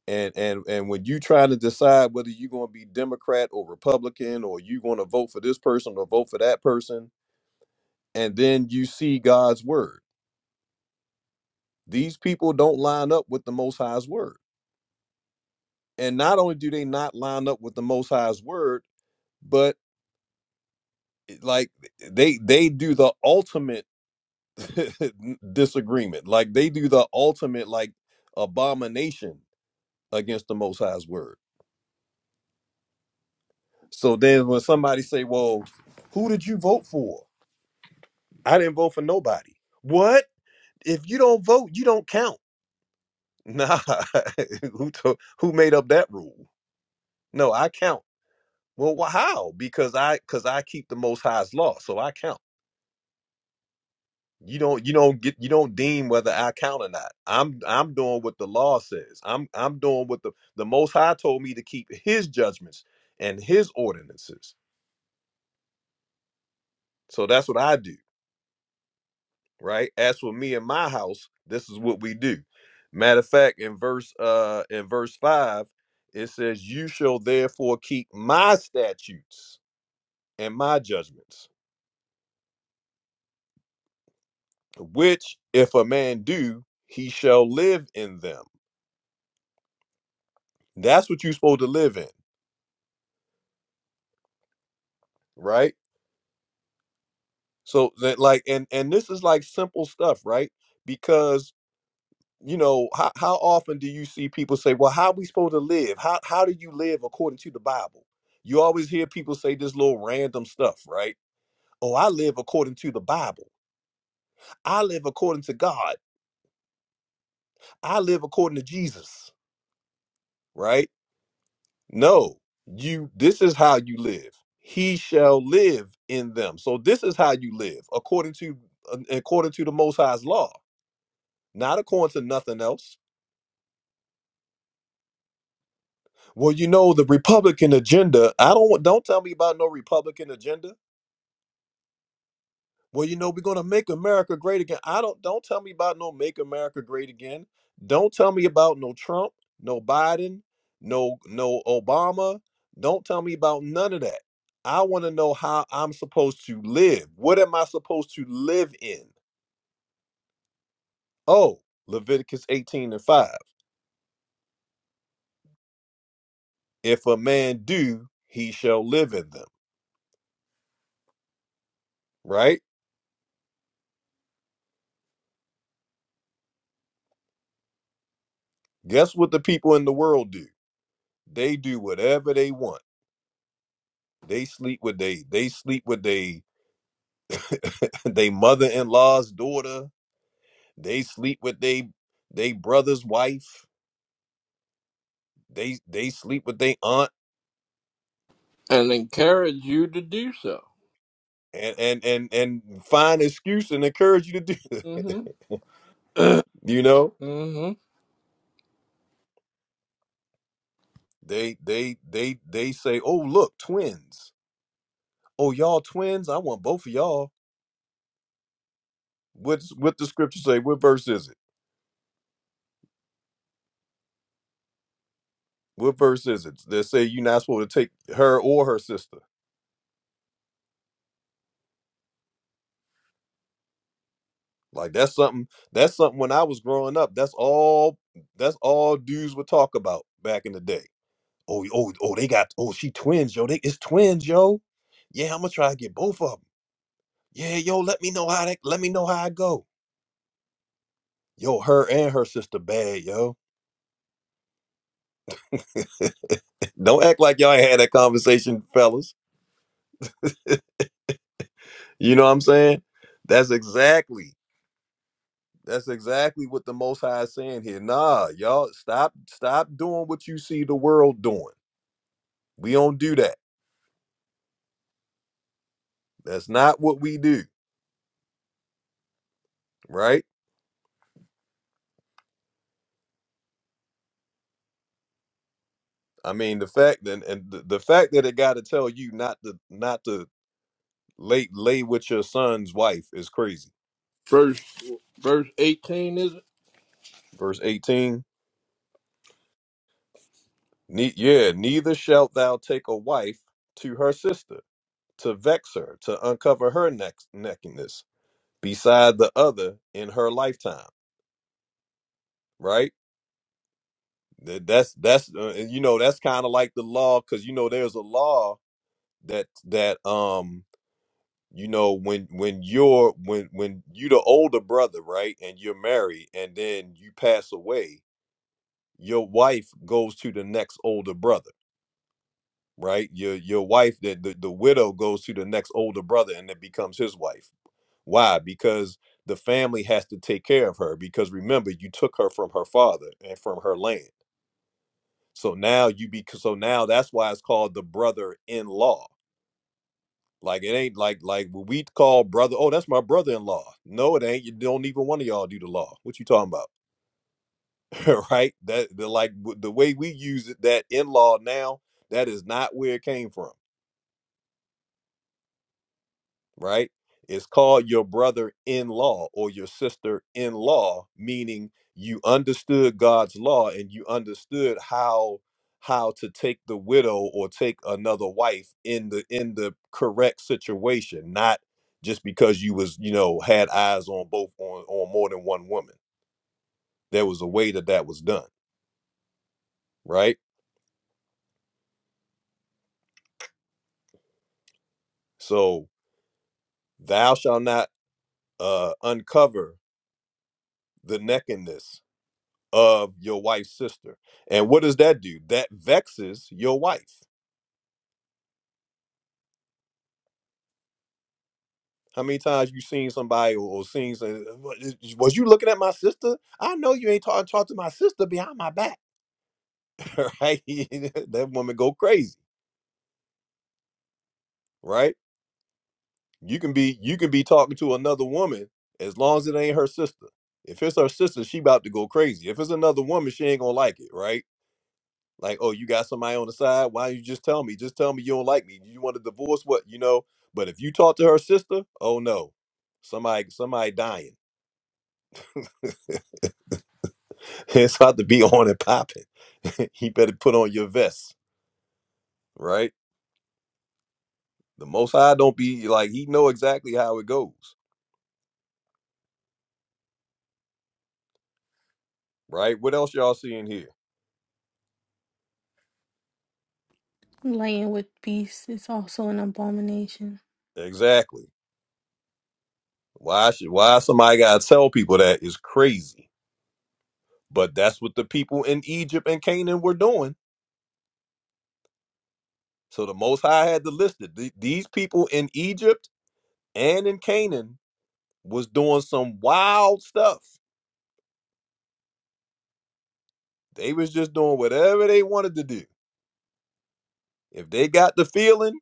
Speaker 1: and and and when you try to decide whether you're going to be Democrat or Republican, or you're going to vote for this person or vote for that person, and then you see God's word. These people don't line up with the Most High's word, and not only do they not line up with the Most High's word, like they they do the ultimate disagreement like they do the ultimate like abomination against the most high's word so then when somebody say well who did you vote for i didn't vote for nobody what if you don't vote you don't count nah who to, who made up that rule no i count well wh- how because i because i keep the most high's law so i count You don't you don't get you don't deem whether I count or not. I'm I'm doing what the law says. I'm I'm doing what the the most high told me to keep his judgments and his ordinances. So that's what I do, right? As for me and my house, this is what we do. Matter of fact, in verse uh in verse 5, it says, "You shall therefore keep my statutes and my judgments, which if a man do, he shall live in them." That's what you're supposed to live in, right? So that like and and this is like simple stuff, right? Because you know, how, how often do you see people say, Well, how are we supposed to live? How how do you live according to the Bible? You always hear people say this little random stuff, right? Oh, I live according to the Bible. I live according to God. I live according to Jesus, right? No, you this is how you live. He shall live in them. So this is how you live according to uh, according to the most high's law, not according to nothing else Well, you know the Republican agenda. I don't want- don't tell me about no Republican agenda. Well, you know we're gonna make America great again. I don't don't tell me about no make America great again. Don't tell me about no Trump, no Biden, no no Obama. Don't tell me about none of that. I want to know how I'm supposed to live. What am I supposed to live in? Oh, Leviticus 18 and 5. If a man do, he shall live in them. Right? Guess what the people in the world do? They do whatever they want. They sleep with they they sleep with they they mother in law's daughter. They sleep with they they brother's wife. They they sleep with they aunt
Speaker 3: and encourage you to do so.
Speaker 1: and and and and find excuse and encourage you to do. it.
Speaker 3: Mm-hmm.
Speaker 1: You know
Speaker 3: mm-hmm.
Speaker 1: they they they they say, oh look, twins. Oh y'all twins. I want both of y'all. What's what the scripture say? What verse is it? What verse is it? They say you're not supposed to take her or her sister. Like that's something that's something when I was growing up, that's all that's all dudes would talk about back in the day. Oh, oh, oh, they got oh, she twins, yo. They it's twins, yo. Yeah, I'm gonna try to get both of them. Yeah, yo, let me know how that let me know how I go. Yo, her and her sister bad, yo. Don't act like y'all ain't had that conversation, fellas. You know what I'm saying? That's exactly that's exactly what the most high is saying here. Nah, y'all stop stop doing what you see the world doing. We don't do that. That's not what we do, right? I mean, the fact and, and the, the fact that it got to tell you not to not to lay lay with your son's wife is crazy.
Speaker 3: Verse, verse 18 is it?
Speaker 1: Verse eighteen, ne- yeah, neither shalt thou take a wife to her sister to vex her to uncover her neck nakedness beside the other in her lifetime, right? That, that's that's uh, and you know that's kind of like the law because you know there's a law that that um you know when when you're when when you the older brother right and you're married and then you pass away your wife goes to the next older brother right your your wife the, the the widow goes to the next older brother and it becomes his wife why because the family has to take care of her because remember you took her from her father and from her land so now you be so now that's why it's called the brother-in-law Like it ain't like like what we call brother. Oh, that's my brother-in-law. No, it ain't. You don't even one of y'all do the law. What you talking about, right? That the like w- the way we use it, that in-law now, that is not where it came from. right? It's called your brother in law or your sister in law, meaning you understood God's law and you understood how how to take the widow or take another wife in the in the correct situation, not just because you was you know had eyes on both on on more than one woman. There was a way that that was done, right? So thou shalt not uh, uncover the nakedness of your wife's sister. And what does that do? That vexes your wife. How many times you seen somebody or or seen some- "Wa- is- was you looking at my sister? I know you ain't talking talk to my sister behind my back, right? that woman go crazy, right? You can be you can be talking to another woman as long as it ain't her sister. If it's her sister, she about to go crazy. If it's another woman, she ain't gonna like it, right? Like, oh, you got somebody on the side. Why you just tell me? Just tell me you don't like me. You want to divorce? What you know? But if you talk to her sister, oh no, somebody, somebody dying. it's about to be on and popping. he better put on your vest, right? The Most High don't be like he know exactly how it goes, right? What else y'all seeing here?
Speaker 12: Laying with beasts is also an abomination.
Speaker 1: Exactly. Why should why somebody gotta tell people that is crazy? But that's what the people in Egypt and Canaan were doing. So the Most High had to list it. The- these people in Egypt and in Canaan was doing some wild stuff. They was just doing whatever they wanted to do. If they got the feeling,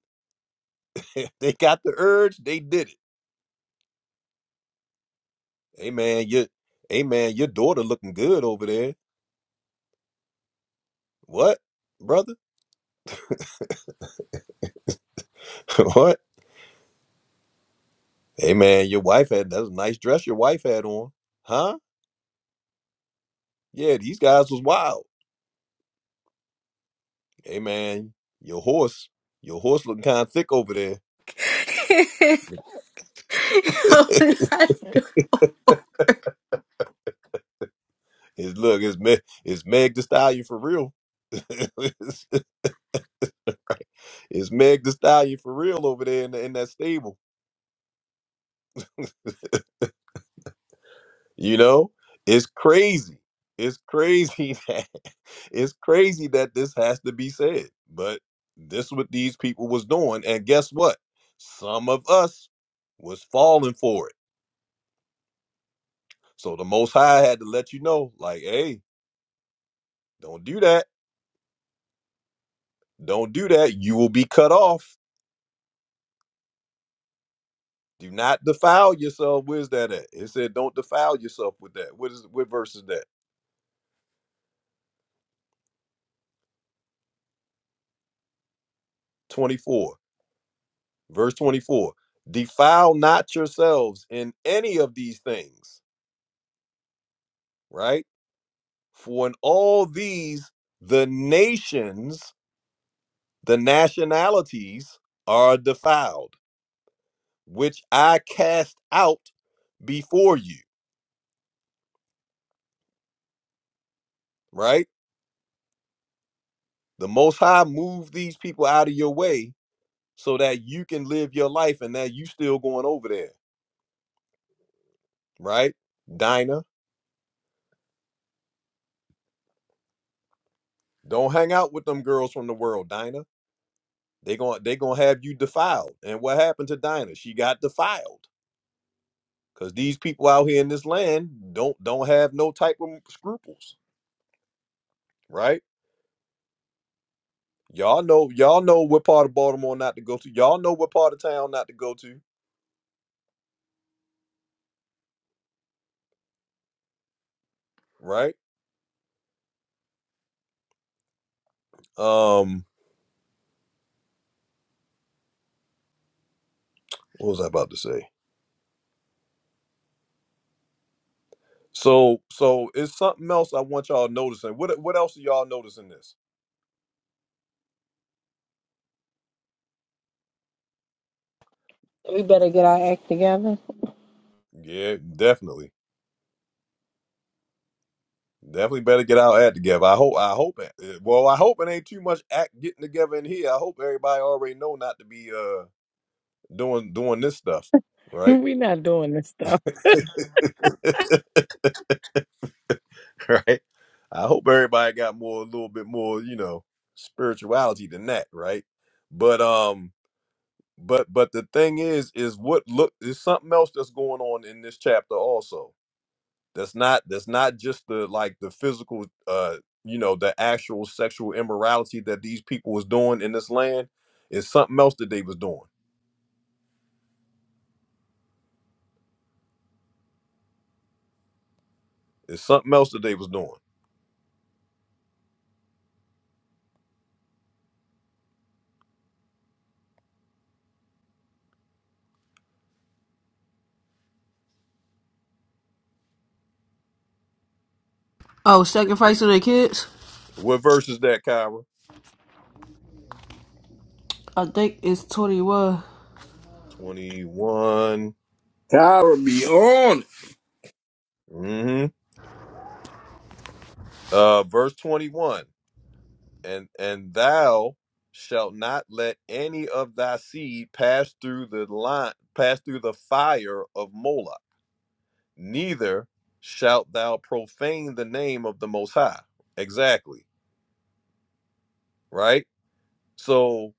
Speaker 1: if they got the urge, they did it. Hey man, your hey man, your daughter looking good over there. What, brother? what? Hey man, your wife had that's a nice dress your wife had on. Huh? Yeah, these guys was wild. Hey man, your horse, your horse looking kind of thick over there.
Speaker 12: I'm not doing-
Speaker 1: Is look, is Meg, is Meg the stallion for real? It's Meg the Stallion for real over there in, the, in that stable. You know, it's crazy. It's crazy that it's crazy that this has to be said. But this what these people was doing, and guess what? Some of us was falling for it. So the Most High had to let you know, like, hey, don't do that. Don't do that. You will be cut off. Do not defile yourself. Where's that at? It said, don't defile yourself with that. What is what verse is that? 24. Verse 24 Defile not yourselves in any of these things, right? For in all these, the nations, the nationalities are defiled, which I cast out before you, right? The Most High moved these people out of your way so that you can live your life and that you still going over there, right? Dinah, don't hang out with them girls from the world, Dinah. They going they gonna have you defiled. And what happened to Dinah? She got defiled because these people out here in this land don't don't have no type of scruples, right? Y'all know y'all know what part of Baltimore not to go to. Y'all know what part of town not to go to, right? Um, what was I about to say? So so it's something else I want y'all noticing. What what else are y'all noticing this?
Speaker 11: We better get our act together.
Speaker 1: Yeah, definitely. Definitely better get our act together. I hope. I hope it. eh, Well, I hope it ain't too much act getting together in here. I hope everybody already know not to be uh doing doing this stuff, right?
Speaker 11: We're not doing this stuff.
Speaker 1: right. I hope everybody got more a little bit more, you know, spirituality than that, right? But um, but but the thing is, is what look is something else that's going on in this chapter also. that's not that's not just the like the physical uh you know the actual sexual immorality that these people was doing in this land it's something else that they was doing it's something else that they was doing
Speaker 2: Oh, sacrificing the kids?
Speaker 1: what verse is that kyra
Speaker 2: I think it's 21.
Speaker 1: 21
Speaker 3: Power beyond
Speaker 1: mm-hmm uh verse 21 and and thou shalt not let any of thy seed pass through the line pass through the fire of moloch neither shalt thou profane the name of the most high exactly right so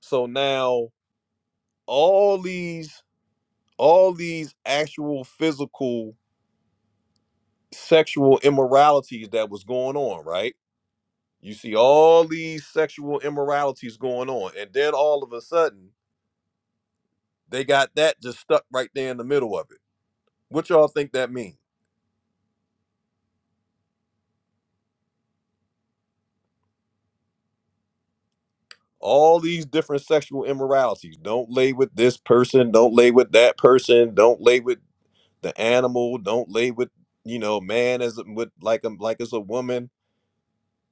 Speaker 1: so now all these all these actual physical sexual immoralities that was going on right you see all these sexual immoralities going on and then all of a sudden they got that just stuck right there in the middle of it what y'all think that means all these different sexual immoralities. Don't lay with this person. Don't lay with that person. Don't lay with the animal don't lay with you know man as a- with like a like as a woman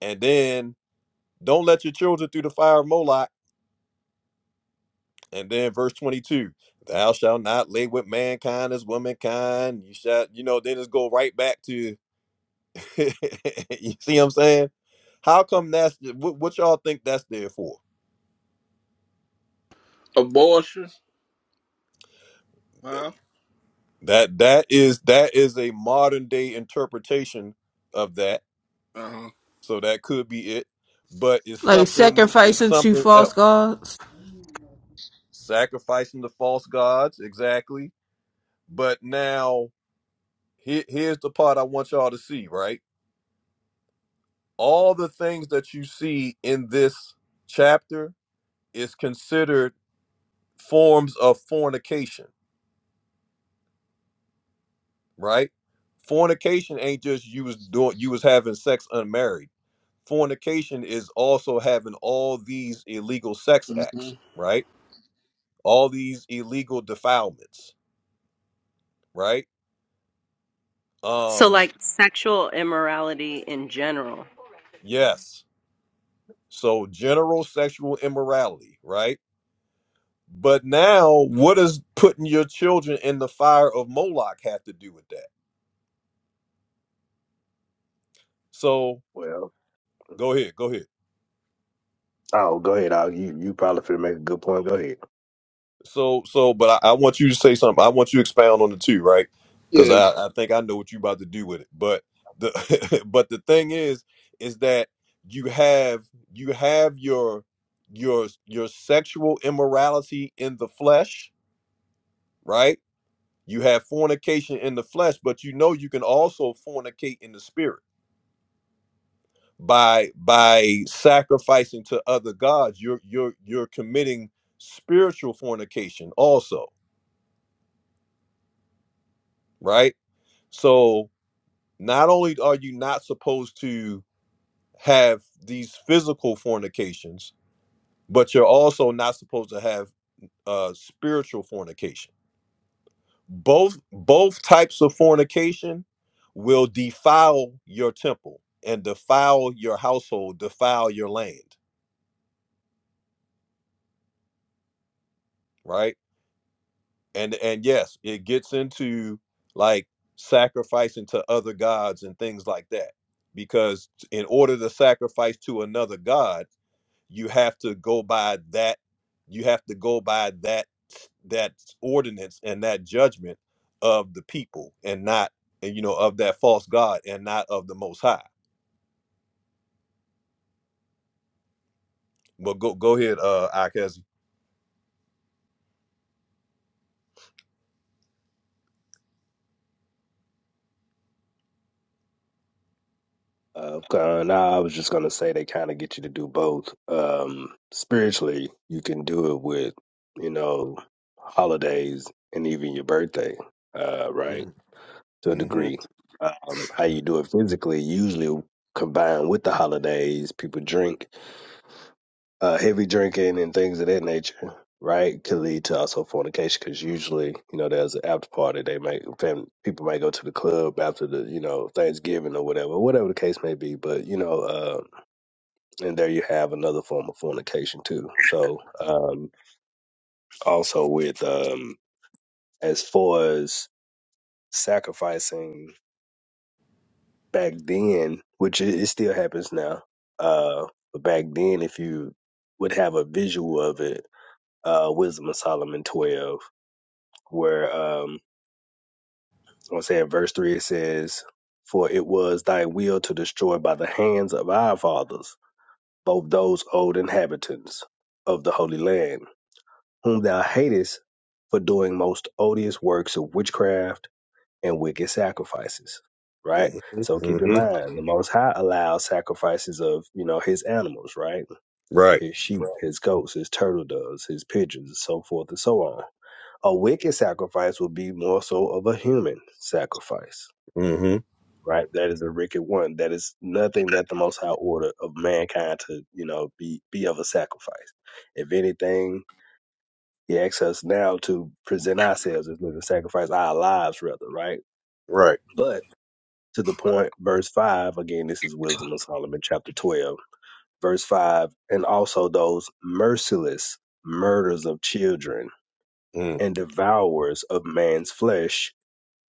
Speaker 1: and then don't let your children through the fire of moloch and then verse 22 thou shalt not lay with mankind as womankind you shall you know then just go right back to you see what i'm saying how come that's what, what y'all think that's there for
Speaker 3: abortion. Huh?
Speaker 1: that that is that is a modern day interpretation of that
Speaker 3: Uh-huh.
Speaker 1: so that could be it but it's
Speaker 2: Like
Speaker 1: something it's
Speaker 2: sacrificing to
Speaker 1: something else
Speaker 2: false gods.
Speaker 1: sacrificing the false gods, exactly. But now, he- here's the part I want y'all to see, right? All the things that you see in this chapter is considered forms of fornication, right? Fornication ain't just you was doing you was having sex unmarried. Fornication is also having all these illegal sex
Speaker 3: hmm
Speaker 1: acts, right? All these illegal defilements, right?
Speaker 13: So,
Speaker 1: Um,
Speaker 13: like sexual immorality in general.
Speaker 1: yes. So general sexual immorality, right? But now, what does putting your children in the fire of Moloch have to do with that? So
Speaker 9: Well,
Speaker 1: go ahead, go ahead.
Speaker 9: oh, go ahead. Al. you you probably finna make a good point. Go ahead.
Speaker 1: So, so, but I, I want you to say something. I want you to expound on the two, right? Because
Speaker 3: Yeah.
Speaker 1: I, I think I know what you're about to do with it. But the, but the thing is, is that you have you have your your your sexual immorality in the flesh, right? You have fornication in the flesh, but you know you can also fornicate in the spirit by by sacrificing to other gods. You're you're you're committing spiritual fornication also, right? So not only are you not supposed to have these physical fornications, but you're also not supposed to have uh spiritual fornication both both types of fornication will defile your temple and defile your household defile your land right and and yes it gets into like sacrificing to other gods and things like that because in order to sacrifice to another god you have to go by that you have to go by that that ordinance and that judgment of the people and not and you know of that false god and not of the most high but go go ahead uh Akezi.
Speaker 9: Uh, uh, now I was just gonna say they kind of get you to do both. Um, spiritually, you can do it with you know holidays and even your birthday, uh, right? To a
Speaker 1: Mm-hmm.
Speaker 9: degree. Um, how you do it physically usually combined with the holidays. People drink. uh, heavy drinking and things of that nature, right, can lead to also fornication because usually, you know, there's an after party. They might, fam- people might go to the club after the, you know, Thanksgiving or whatever, whatever the case may be. But, you know, uh, and there you have another form of fornication too. So, um, also with, um, as far as sacrificing back then, which it, it still happens now, uh, but back then, if you would have a visual of it, uh, Wisdom of Solomon 12. where um I want to say in verse three it says, For it was thy will to destroy by the hands of our fathers both those old inhabitants of the holy land, whom thou hatest for doing most odious works of witchcraft and wicked sacrifices. Right?
Speaker 1: hmm
Speaker 9: So keep in
Speaker 1: hmm
Speaker 9: mind the most high allows sacrifices of, you know, his animals, right?
Speaker 1: right
Speaker 9: His sheep, Right. his goats, his turtle doves, his pigeons, so forth and so on A wicked sacrifice will be more so of a human sacrifice,
Speaker 1: hmm
Speaker 9: right? That is a wicked one. That is nothing that the Most High order of mankind to, you know, be be of a sacrifice. If anything, He asks us now to present ourselves as living sacrifice, our lives rather, right?
Speaker 1: right
Speaker 9: But to the point, verse five again. This is Wisdom of Solomon, chapter twelve, verse five, and also those merciless murders of children
Speaker 1: Mm,
Speaker 9: and devourers of man's flesh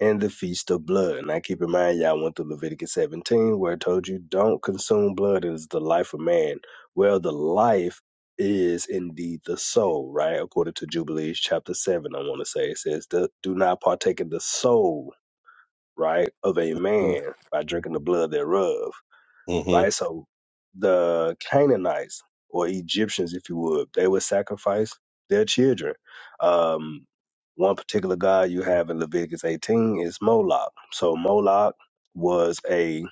Speaker 9: and the Feast of Blood. Now keep in mind, y'all went through Leviticus 17, where it told you, don't consume blood, it is the life of man. Well, the life is indeed the soul, right? According to Jubilees chapter 7, I want to say, it says, do do not partake of the soul, right, of a man by drinking the blood thereof
Speaker 1: mm-hmm.
Speaker 9: right? So the Canaanites or Egyptians, if you would, they would sacrifice their children. Um, one particular god you have in Leviticus 18 is Moloch. So Moloch was a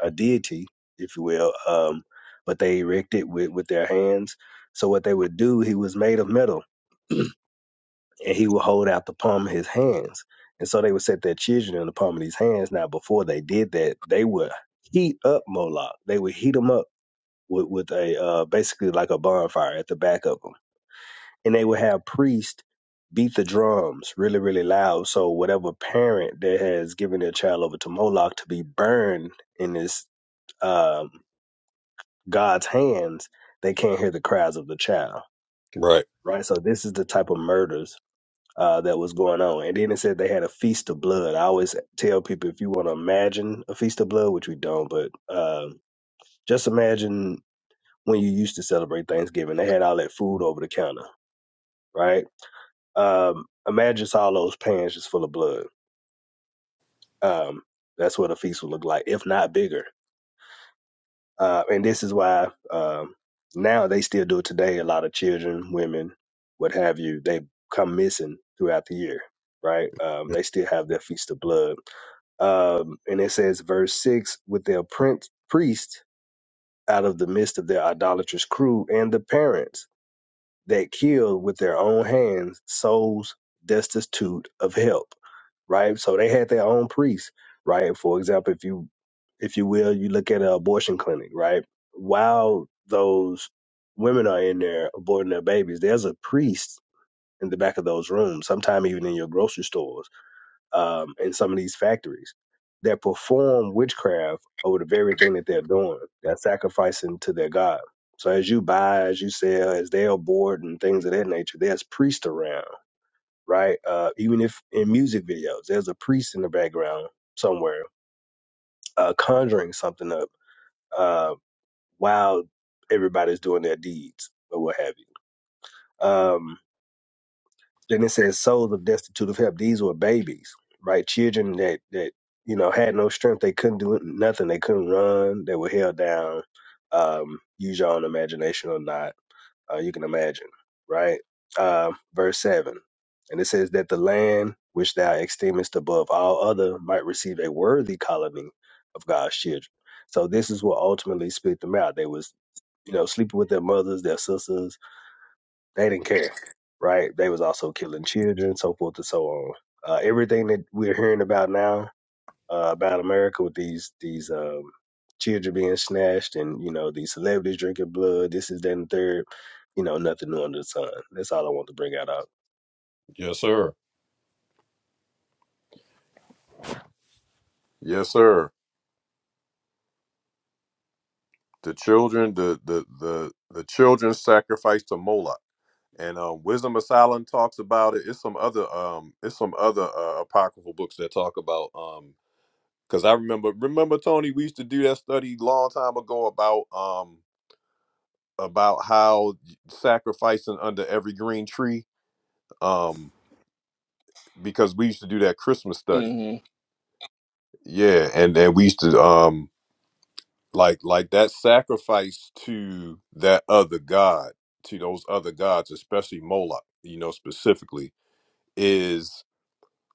Speaker 9: a deity, if you will, um, but they erected with with their hands. So what they would do, he was made of metal, and he would hold out the palm of his hands. And so they would set their children in the palm of these hands. Now, before they did that, they would heat up Moloch. They would heat him up with with a uh, basically like a bonfire at the back of them, and they would have priests beat the drums really really loud. So whatever parent that has given their child over to Moloch to be burned in this um, God's hands, they can't hear the cries of the child,
Speaker 1: right
Speaker 9: right? So this is the type of murders. Uh, that was going on, and then it said they had a feast of blood. I always tell people if you want to imagine a feast of blood, which we don't, but um, just imagine when you used to celebrate Thanksgiving. They had all that food over the counter, right? Um, imagine just all those pans just full of blood. Um, that's what a feast would look like, if not bigger. Uh, and this is why um, now they still do it today. A lot of children, women, what have you, they come missing throughout the year, right? Um,
Speaker 1: Mm,
Speaker 9: they still have their feast of blood. Um, and it says, verse 6 with their prince, priest out of the midst of their idolatrous crew and the parents. that kill with their own hands souls destitute of help right so they had their own priests, right for example if you if you will you look at an abortion clinic right while those women are in there aborting their babies there's a priest in the back of those rooms sometime even in your grocery stores um, in some of these factories that perform witchcraft over the very thing that they're doing. They're sacrificing to their God. So as you buy, as you sell, as they are bored and things of that nature, there's priests around, right? Uh, even if in music videos, there's a priest in the background somewhere uh, conjuring something up uh, while everybody's doing their deeds or what have you. Um, Then it says souls of destitute of help. These were babies, right? Children that that you know had no strength. They couldn't do nothing. They couldn't run. They were held down. Um, use your own imagination or not. Uh, you can imagine, right? Um, verse seven, and it says that the land which thou esteemest above all other might receive a worthy colony of God's children. So this is what ultimately spit them out. They was you know sleeping with their mothers, their sisters they didn't care, right? They was also killing children, so forth and so on. Uh, everything that we're hearing about now uh, about America with these these um, children being snatched and you know these celebrities drinking blood, this is that and the third. You know, nothing new under the sun. That's all I want to bring out. Of.
Speaker 1: yes sir yes sir the children the the the the children sacrificed to moloch and um, Wisdom of Solomon talks about it. It's some other um, it's some other uh, apocryphal books that talk about um, because I remember remember Tony, we used to do that study long time ago about um about how sacrificing under every green tree um because we used to do that Christmas study.
Speaker 3: hmm
Speaker 1: Yeah, and then we used to um like like that sacrifice to that other god to those other gods, especially Moloch, you know specifically is.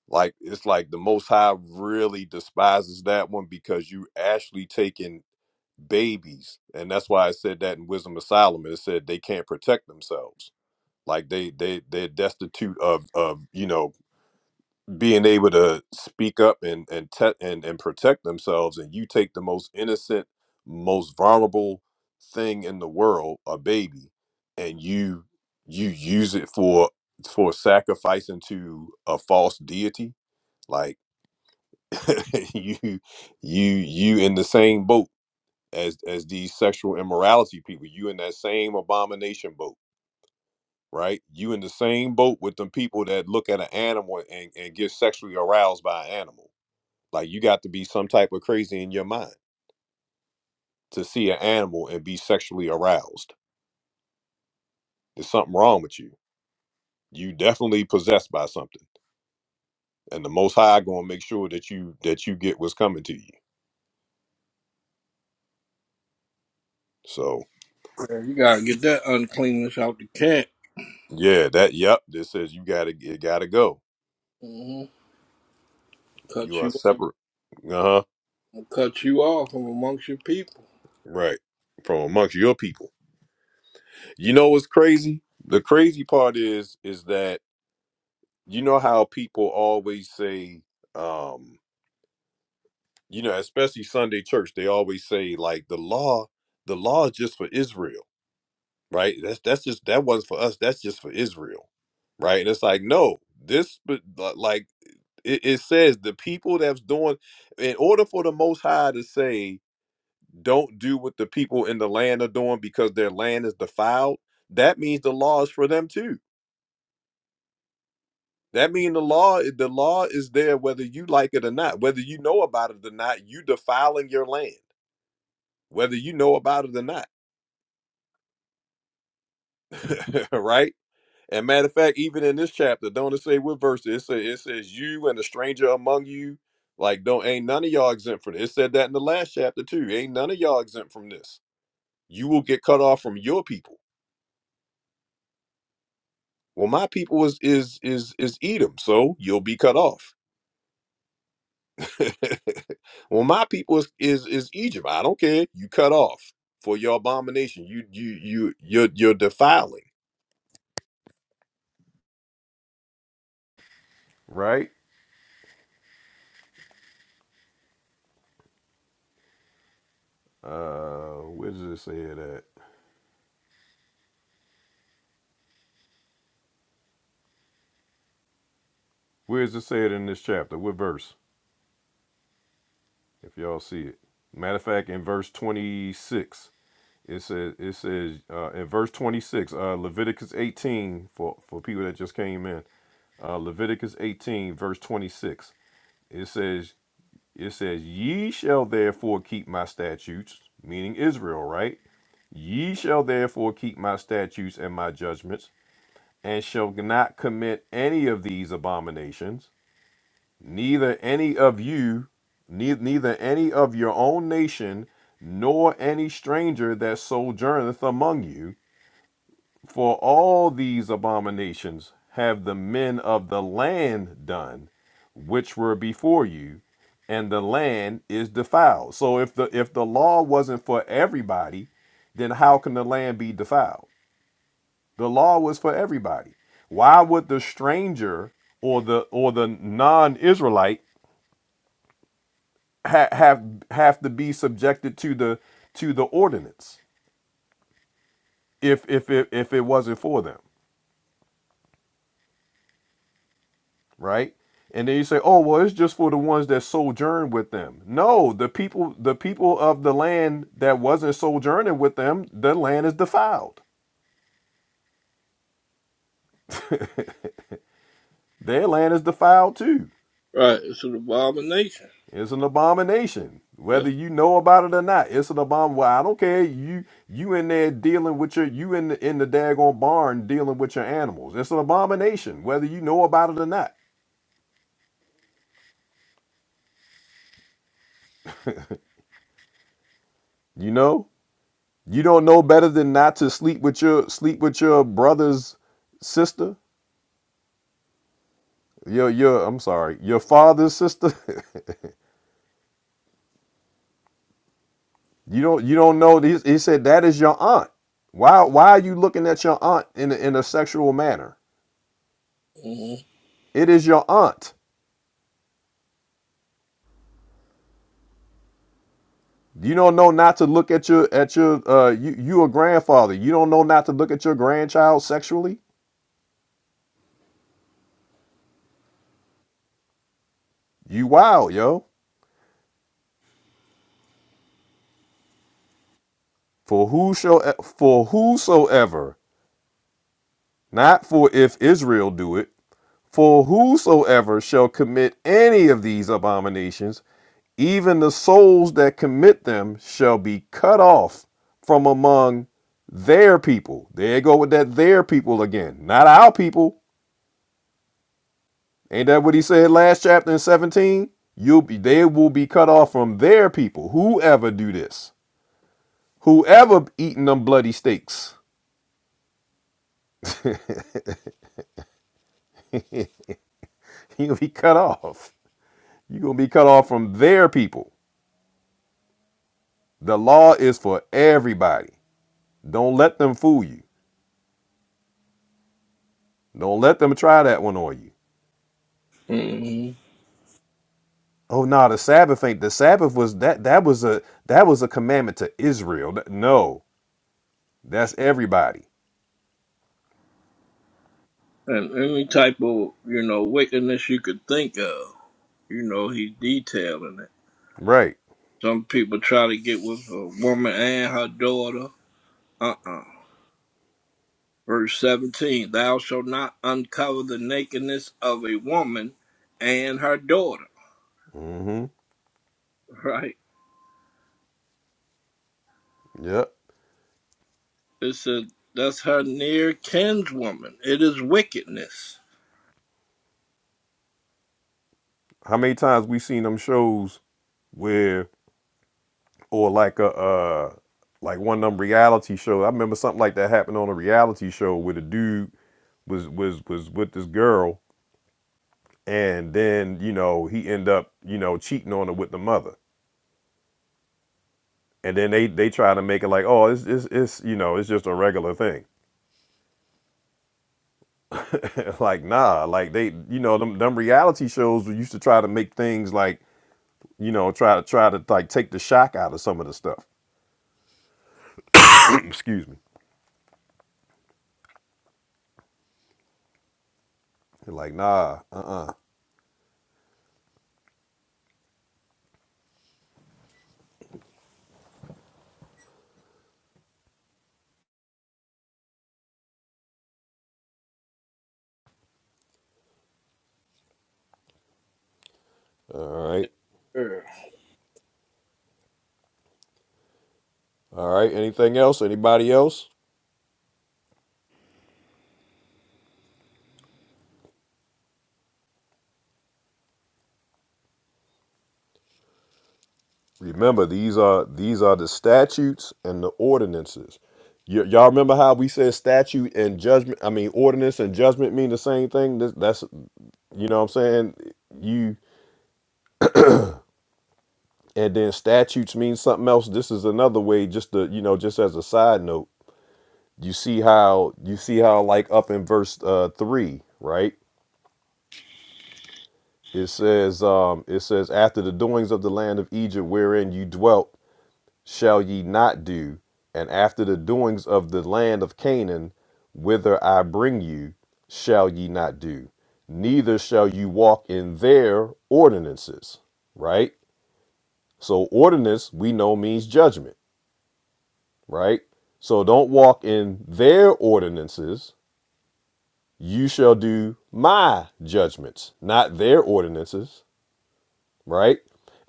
Speaker 1: Like it's like the Most High really despises that one because you actually taking babies and that's why i said that in wisdom of solomon it said they can't protect themselves like they they they're destitute of of you know being able to speak up and and te- and and protect themselves and you take the most innocent most vulnerable thing in the world a baby and you you use it for for sacrificing to a false deity like. you you you in the same boat as as these sexual immorality people you in that same abomination boat right you in the same boat with them people that look at an animal and, and get sexually aroused by an animal like you got to be some type of crazy in your mind to see an animal and be sexually aroused there's something wrong with you you definitely possessed by something and the most high gonna make sure that you that you get what's coming to you so
Speaker 3: yeah. You got to get that uncleanness out the camp.
Speaker 1: yeah that yep this says you gotta it gotta go
Speaker 3: hmm
Speaker 1: You
Speaker 3: Cut
Speaker 1: are
Speaker 3: you,
Speaker 1: separate. Uh huh.
Speaker 3: cut you off from amongst your people.
Speaker 1: Right. From amongst your people. You know what's crazy? The crazy part is, is that you know how people always say, um, you know, especially Sunday church, they always say like the law, the law is just for Israel, right? That's that's just that wasn't for us. That's just for Israel, right? And it's like no, this but but, like it, it says the people that's doing. In order for the Most High to say don't do what the people in the land are doing because their land is defiled that means the law is for them too that means the law the law is there whether you like it or not whether you know about it or not you defiling your land whether you know about it or not right and matter of fact even in this chapter don't it say what verse it says it says you and the stranger among you like don't ain't none of y'all exempt from this. it said that in the last chapter too ain't none of y'all exempt from this you will get cut off from your people Well, my people is is is is Edom, so you'll be cut off. well, my people is, is is Egypt. I don't care. You cut off for your abomination. You you you you're you're defiling. Right? Uh, where does it say it at? Where does it say it in this chapter? What verse? If y'all see it. Matter of fact, in verse 26, it says it says uh, in verse 26, uh, Leviticus 18 for for people that just came in. Uh, Leviticus 18 verse 26. It says It says, Ye shall therefore keep my statutes, meaning Israel, right? Ye shall therefore keep my statutes and my judgments, and shall not commit any of these abominations, neither any of you, ne- neither any of your own nation, nor any stranger that sojourneth among you, for all these abominations have the men of the land done, which were before you, and the land is defiled. So if the if the law wasn't for everybody, then how can the land be defiled? The law was for everybody. Why would the stranger or the or the non-Israelite ha- have have to be subjected to the to the ordinance if if it, if it wasn't for them? right? And then you say, "Oh, well, it's just for the ones that sojourn with them." No, the people, the people of the land that wasn't sojourning with them, their land is defiled. Their land is defiled too.
Speaker 3: Right, it's an abomination.
Speaker 1: It's an abomination, whether
Speaker 3: Yes.
Speaker 1: you know about it or not. It's an abomination. Well, I don't care. You, you in there dealing with your, you in the, in the daggone barn dealing with your animals. It's an abomination, whether you know about it or not. You know, you don't know better than not to sleep with your, sleep with your brother's sister Your your I'm sorry, your father's sister. you don't you don't know. He, he said that is your aunt. Why why are you looking at your aunt in a, in a sexual manner?
Speaker 3: hmm
Speaker 1: It is your aunt. You don't know not to look at your at your uh you you a grandfather. You don't know not to look at your grandchild sexually. You wild yo. For who shall for whosoever not for if Israel do it. For whosoever shall commit any of these abominations Even the souls that commit them shall be cut off from among their people. There you go with that their people again. Not our people. Ain't that what he said last chapter in 17? You'll be they will be cut off from their people. Whoever do this. Whoever eating them bloody steaks. You'll be cut off. You're gonna be cut off from their people. The law is for everybody. Don't let them fool you. Don't let them try that one on you.
Speaker 3: hmm
Speaker 1: Oh no, the Sabbath ain't the Sabbath was that that was a that was a commandment to Israel. Th- No, that's everybody.
Speaker 3: And any type of, you know, wickedness you could think of, you know, he's detailing it.
Speaker 1: Right.
Speaker 3: Some people try to get with a woman and her daughter. Uh-uh. Verse 17, thou shalt not uncover the nakedness of a woman and her daughter.
Speaker 1: Mm-hmm.
Speaker 3: Right?
Speaker 1: Yep.
Speaker 3: It said that's her near kinswoman. It is wickedness.
Speaker 1: How many times we seen them shows where or like a uh like one of them reality shows? I remember something like that happened on a reality show where the dude was was was with this girl and then, you know, he end up, you know, cheating on her with the mother. And then they they try to make it like, oh, it's it's, it's you know, it's just a regular thing like nah like they you know them, them reality shows we used to try to make things like you know try to try to like take the shock out of some of the stuff excuse me like nah uh-uh all right
Speaker 3: Yes, sir.
Speaker 1: all right anything else anybody else remember these are these are the statutes and the ordinances Y- y'all remember how we said statute and judgment i mean ordinance and judgment mean the same thing this, that's you know what i'm saying you and then statutes mean something else this is another way just to you know just as a side note you see how you see how like up in verse uh, three, right? It says, um, it says, after the doings of the land of Egypt wherein you dwelt, shall ye not do, and after the doings of the land of Canaan, whither I bring you, shall ye not do, neither shall you walk in their ordinances, right? So ordinance we know means judgment, right? So don't walk in their ordinances, you shall do my judgments, not their ordinances, right?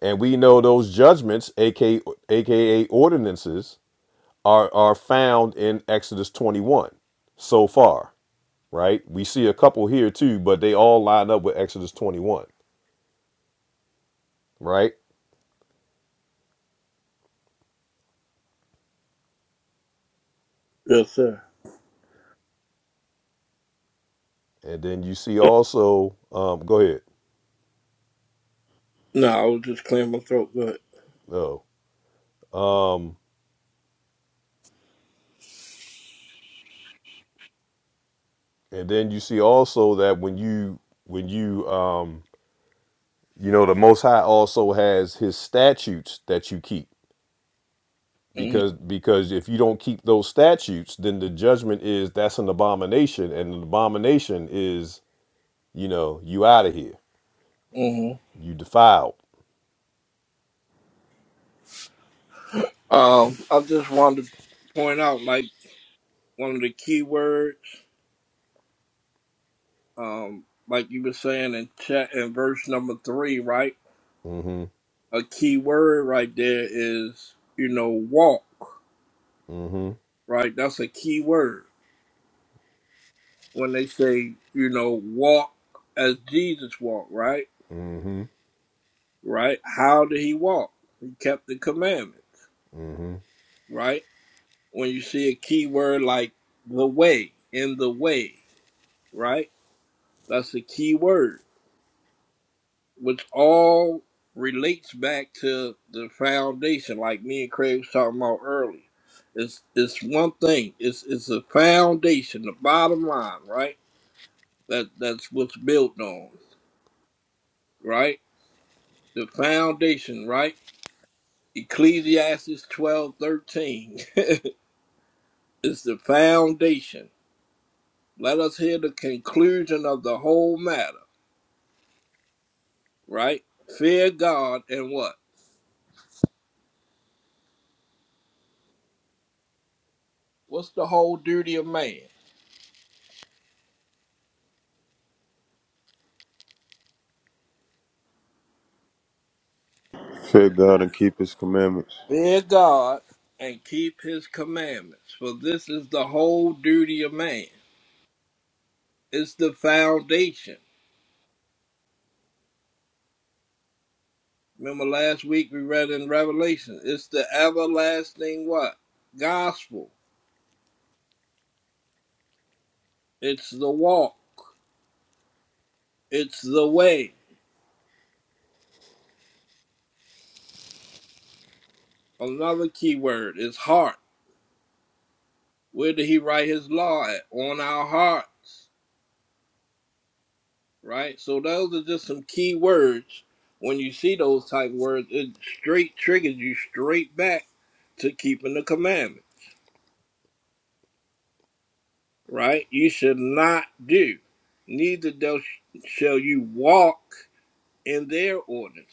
Speaker 1: And we know those judgments, aka, aka ordinances, are, are found in Exodus 21 so far, right? We see a couple here too, but they all line up with Exodus 21, right?
Speaker 3: Yes, sir.
Speaker 1: And then you see also, um, go ahead.
Speaker 3: No, I was just clearing my throat. Go ahead.
Speaker 1: Oh, um, and then you see also that when you when you um, you know the Most High also has His statutes that you keep because because if you don't keep those statutes then the judgment is that's an abomination and an abomination is you know you out of here
Speaker 3: Mm-hmm.
Speaker 1: you defiled
Speaker 3: Um, I just wanted to point out, like one of the key words, um, like you were saying in chat in verse number three, right?
Speaker 1: hmm
Speaker 3: A key word right there is, you know, walk,
Speaker 1: hmm
Speaker 3: right? That's a key word when they say, you know, walk as Jesus walked, right?
Speaker 1: hmm
Speaker 3: Right? How did he walk? He kept the commandments, right? When you see a key word like the way, in the way, right? That's a key word which all relates back to the foundation, like me and Craig was talking about earlier. It's it's one thing. It's it's the foundation, the bottom line, right? That that's what's built on, right? The foundation, right? Ecclesiastes twelve thirteen is the foundation. Let us hear the conclusion of the whole matter, right? Fear God and what? What's the whole duty of man?
Speaker 14: Fear God and keep His commandments.
Speaker 3: Fear God and keep his commandments, for this is the whole duty of man. It's the foundation. Remember last week we read in Revelation, it's the everlasting what? Gospel. It's the walk. It's the way. Another key word is heart. Where did he write his law at? On our hearts. right? So those are just some key words. When you see those type words, it straight triggers you straight back to keeping the commandment, right? You should not do. Neither thou sh- shall you walk in their ordinances.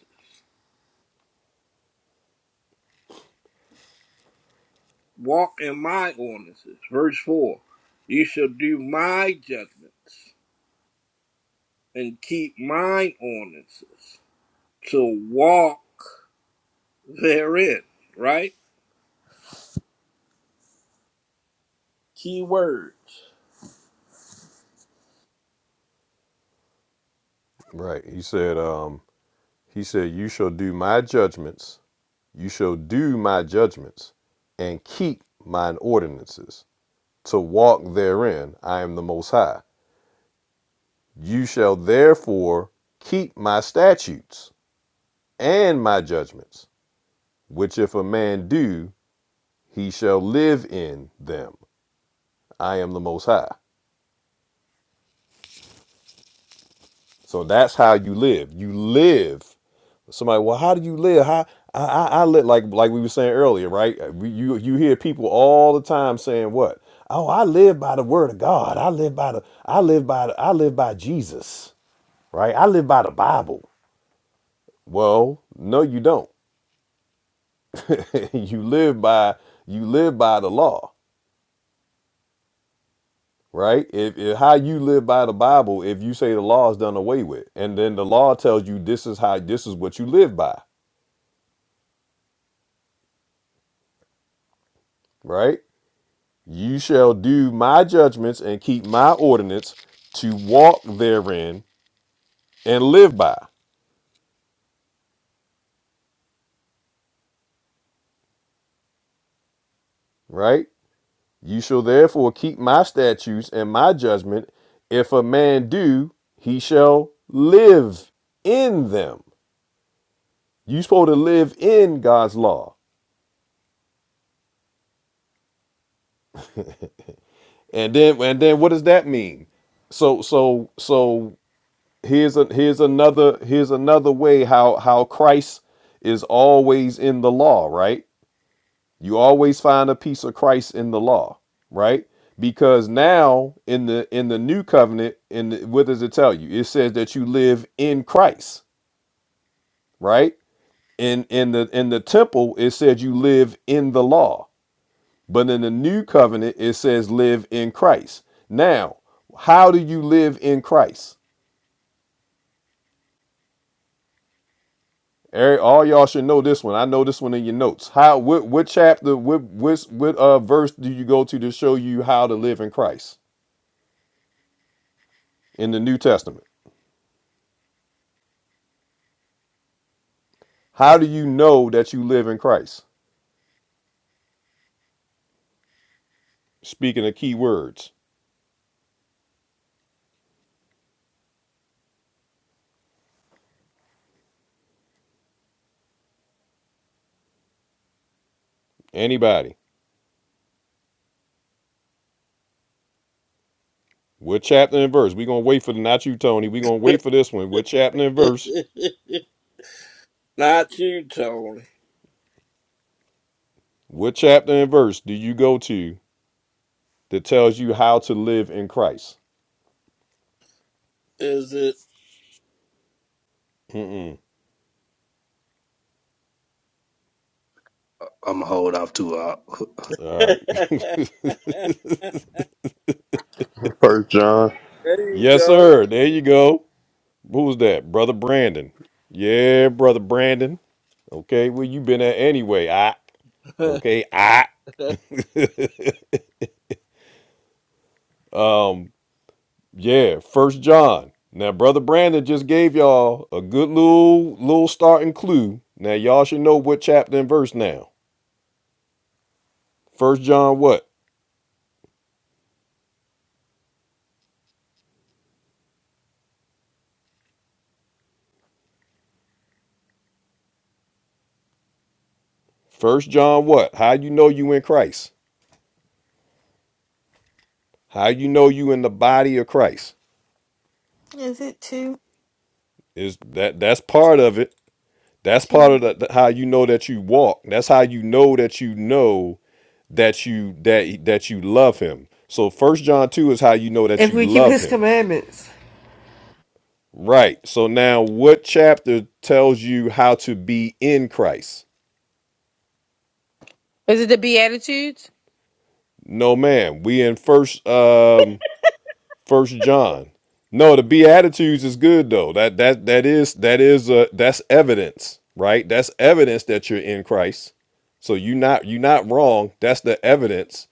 Speaker 3: Walk in my ordinances. Verse 4. You shall do my judgments and keep mine ordinances. To walk therein, right? Key words.
Speaker 1: right he said um he said you shall do my judgments you shall do my judgments and keep mine ordinances to walk therein i am the most high you shall therefore keep my statutes and my judgments which if a man do he shall live in them. I am the most high. So that's how you live. You live. Somebody, well, how do you live? How I, I, I live like like we were saying earlier, right? Uh, We, you you hear people all the time saying what? Oh, I live by the word of God. I live by the I live by the, I live by Jesus, right? I live by the Bible. Well, no, you don't. you live by you live by the law right? If, if how you live by the Bible, if you say the law is done away with, and then the law tells you this is how this is what you live by, right? You shall do my judgments and keep my ordinance to walk therein and live by, right? You shall therefore keep my statutes and my judgment. If a man do, he shall live in them. you supposed to live in God's law. And then and then what does that mean? So so so here's a here's another here's another way how how Christ is always in the law, right? You always find a piece of Christ in the law, right? Because now in the in the new covenant, in the, what does it tell you? It says that you live in Christ, right? In in the in the temple, it said you live in the law, but in the new covenant, it says live in Christ. Now, how do you live in Christ? Eric, all y'all should know this one. I know this one in your notes. How what what chapter what what what uh verse do you go to to show you how to live in Christ in the New Testament? How do you know that you live in Christ? Speaking of key words. Anybody. What chapter and verse? We're gonna wait for the not you, Tony. We're gonna wait for this one. What chapter and verse?
Speaker 3: Not you, Tony.
Speaker 1: What chapter and verse do you go to that tells you how to live in Christ?
Speaker 3: Is it?
Speaker 1: Mm-mm.
Speaker 9: I'm gonna hold off to uh, uh
Speaker 1: All right.
Speaker 14: First John.
Speaker 3: there you
Speaker 1: Yes,
Speaker 3: go.
Speaker 1: sir. There you go. Who's that? Brother Brandon. Yeah, brother Brandon. Okay, where you been at anyway? Ah, okay, ah. Um, yeah, First John. Now, brother Brandon just gave y'all a good little little starting clue. Now, y'all should know what chapter and verse now. First John what? First John what? How you know you in Christ? How you know you in the body of Christ?
Speaker 12: is it two,
Speaker 1: Is that that's part of it? That's part of
Speaker 12: two,
Speaker 1: the, the- how you know that you walk. That's how you know that you know that you that that you love him. So first John 2 is how you know that
Speaker 2: If
Speaker 1: you
Speaker 2: we keep
Speaker 1: love
Speaker 2: his
Speaker 1: him.
Speaker 2: commandments.
Speaker 1: Right. So now what chapter tells you how to be in Christ?
Speaker 11: Is it the Beatitudes?
Speaker 1: No man. We in first um first John. No, the Beatitudes is good though. That that that is that is uh that's evidence, right? That's evidence that you're in Christ. So you not you are not wrong. That's the evidence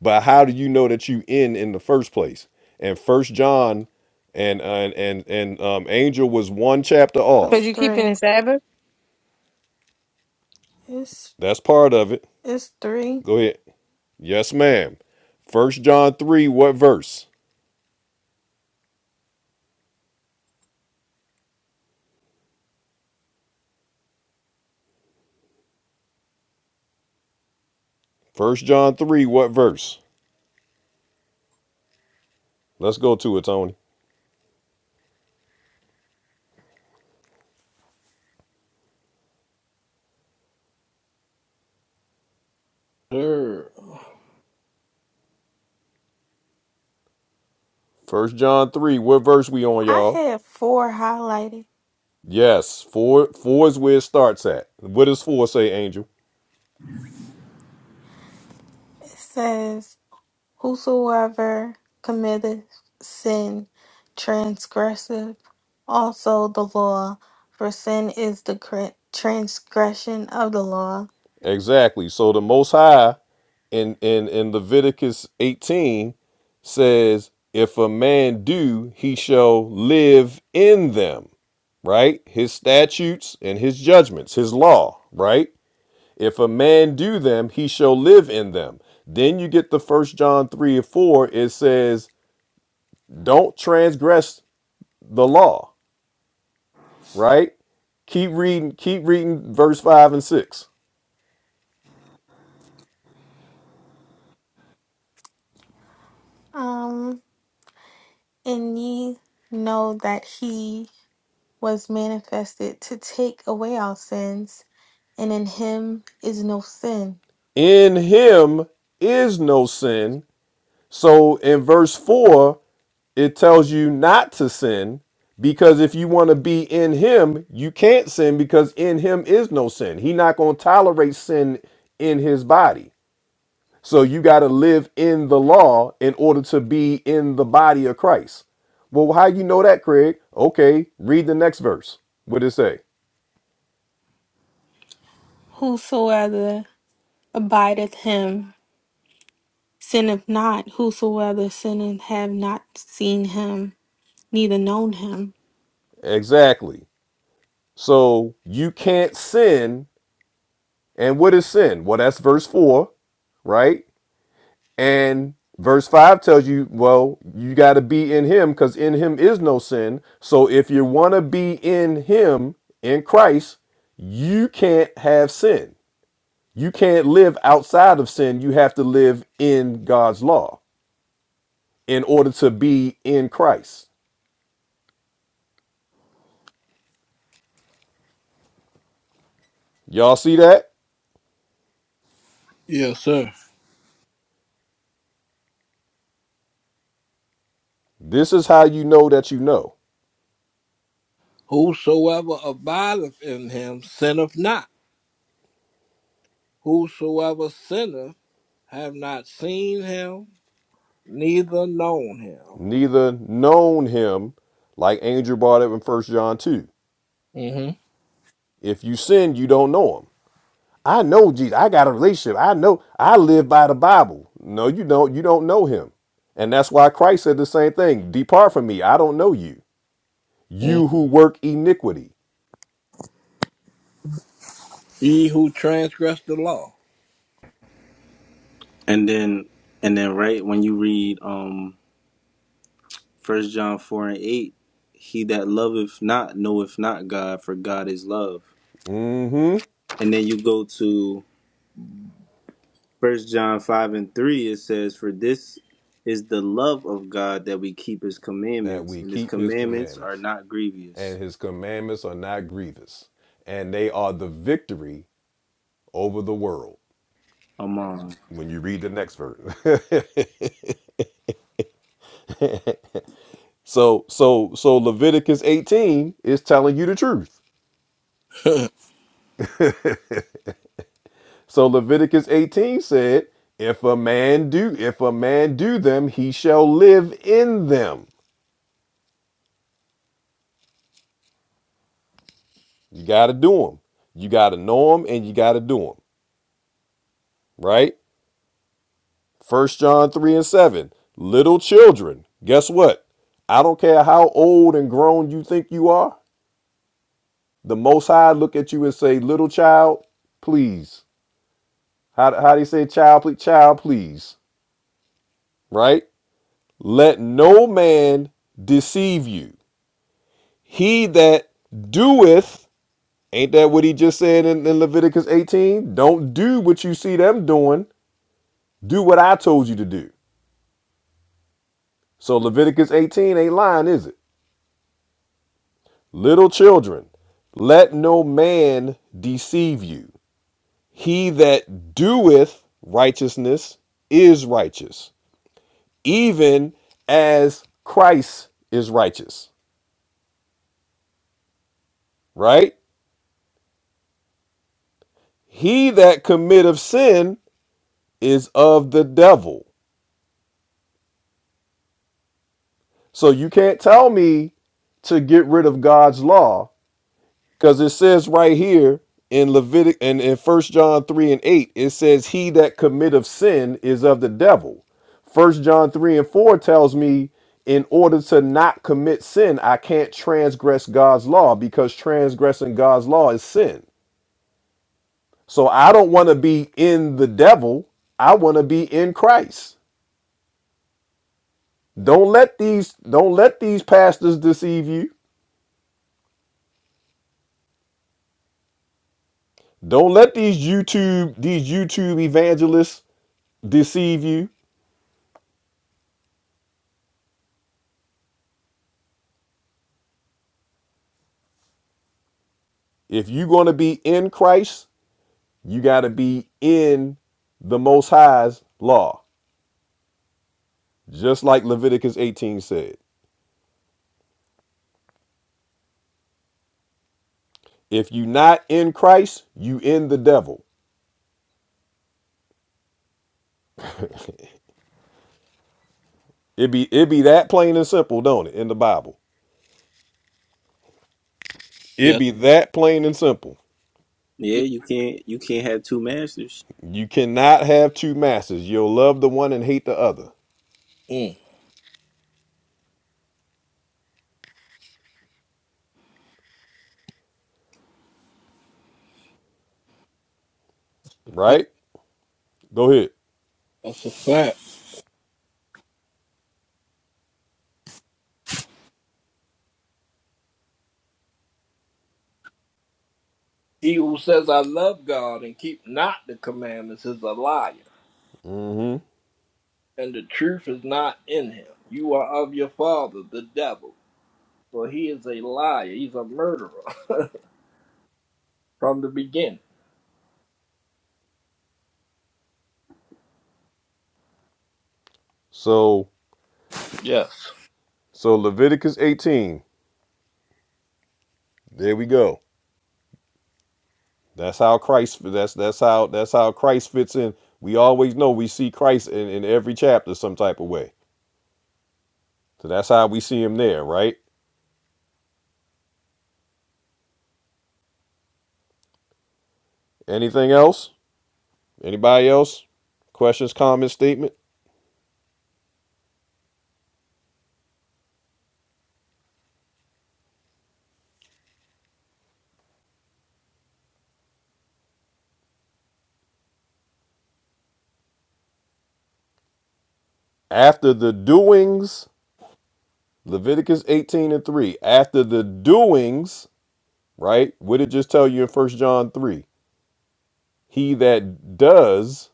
Speaker 1: but how do you know that you in in the first place and first john and and and, and um, angel was one chapter
Speaker 11: Because
Speaker 12: so
Speaker 1: off
Speaker 11: you're keeping the
Speaker 12: three?
Speaker 11: Sabbath?
Speaker 12: It's
Speaker 1: that's part of it
Speaker 12: it's three.
Speaker 1: go ahead yes ma'am first john 3 what verse first john 3 what verse let's go to it tony
Speaker 3: sir.
Speaker 1: first john 3 what verse we on
Speaker 12: I
Speaker 1: y'all
Speaker 12: had four highlighted.
Speaker 1: yes four four is where it starts at what does four say angel
Speaker 12: It says. Whosoever committeth sin transgresseth also the law, for sin is the cr- transgression of the law.
Speaker 1: exactly so the most high in in in Leviticus 18 says if a man do he shall live in them right his statutes and his judgments his law right if a man do them he shall live in them then you get the first John 3 and 4 it says don't transgress the law right keep reading keep reading verse 5 and 6
Speaker 12: Um, and ye know that he was manifested to take away our sins, and in him is no sin.
Speaker 1: in him is no sin so in verse 4 it tells you not to sin because if you want to be in him you can't sin because in him is no sin he not going to tolerate sin in his body so you got to live in the law in order to be in the body of christ well how you know that craig okay read the next verse what it say
Speaker 12: Whosoever abideth him sinneth not, whosoever sinneth have not seen him, neither known him.
Speaker 1: exactly so you can't sin and what is sin well that's verse 4 right And verse 5 tells you, well, you got to be in him because in him is no sin. So if you want to be in him, in Christ, you can't have sin. You can't live outside of sin. You have to live in God's law in order to be in Christ. Y'all see that?
Speaker 3: Yes, sir.
Speaker 1: This is how you know that you know.
Speaker 3: Whosoever abideth in him sinneth not. Whosoever sinneth have not seen him, neither known him.
Speaker 1: Neither known him, like Angel brought up in First John 2.
Speaker 3: Mm-hmm.
Speaker 1: If you sin, you don't know him I know Jesus. I got a relationship. I know I live by the Bible. No, you don't. You don't know him. And that's why Christ said the same thing. Depart from me. I don't know you.
Speaker 3: Mm.
Speaker 1: You who work iniquity.
Speaker 3: He who transgressed the law.
Speaker 7: And then, and then, right when you read um First John four and eight, he that loveth not knoweth not God, for God is love.
Speaker 1: hmm
Speaker 7: And then you go to First John five and three. It says, "For this is the love of God that we keep His
Speaker 1: That
Speaker 7: commandments,
Speaker 1: we
Speaker 7: and His
Speaker 1: keep his
Speaker 7: commandments are
Speaker 1: commandments.
Speaker 7: not
Speaker 1: And
Speaker 7: grievous."
Speaker 1: his commandments are not grievous. And they are the victory over the world.
Speaker 7: Amon.
Speaker 1: When you read the next verse. so so so Leviticus 18 is telling you the truth. So Leviticus 18 said, if a man do if a man do them, he shall live in them. You got to do them. You got to know them and you got to do them, right? First John 3 and 7. Little children, guess what? I don't care how old and grown you think you are. The most high look at you and say, "Little child, please." How how do you say child please child please, right? Let no man deceive you. He that doeth Ain't that what he just said in, in Leviticus 18? Don't do what you see them doing. Do what I told you to do. So Leviticus 18 ain't lying, is it? Little children, let no man deceive you. He that doeth righteousness is righteous, even as Christ is righteous, right? He that committeth sin is of the devil. So you can't tell me to get rid of God's law Because it says right here in Leviticus and in First John 3 and 8, it says, He that committeth sin is of the devil. First John 3 and 4 tells me, in order to not commit sin, I can't transgress God's law because transgressing God's law is sin. So I don't want to be in the devil. I want to be in Christ. Don't let these don't let these pastors deceive you. Don't let these YouTube these YouTube evangelists deceive you If you're going to be in Christ, you got to be in the Most High's law, just like Leviticus 18 said. If you are not in Christ, you in the devil. It be it be that plain and simple, don't it? In the Bible, it
Speaker 3: yes.
Speaker 1: be that plain and simple.
Speaker 7: Yeah,
Speaker 3: yes.
Speaker 7: you can't you can't have two masters.
Speaker 1: You cannot have two masters. You'll love the one and hate the other.
Speaker 3: Mm. Fact.
Speaker 1: Right? Go ahead.
Speaker 3: That's a fact. He who says, I love God and keep not the commandments is a liar.
Speaker 1: hmm
Speaker 3: and the truth is not in him. You are of your father, the devil, for he is a liar. He's a murderer from the beginning.
Speaker 1: So
Speaker 3: Yes.
Speaker 1: so Leviticus 18. There we go. That's how Christ. That's that's how that's how Christ fits in. We always know we see Christ in, in every chapter some type of way. So that's how we see him there, right? Anything else? Anybody else? Questions, comments, statement? After the doings, Leviticus 18 and 3. After the doings, right? What did it just tell you in First John 3? He that does,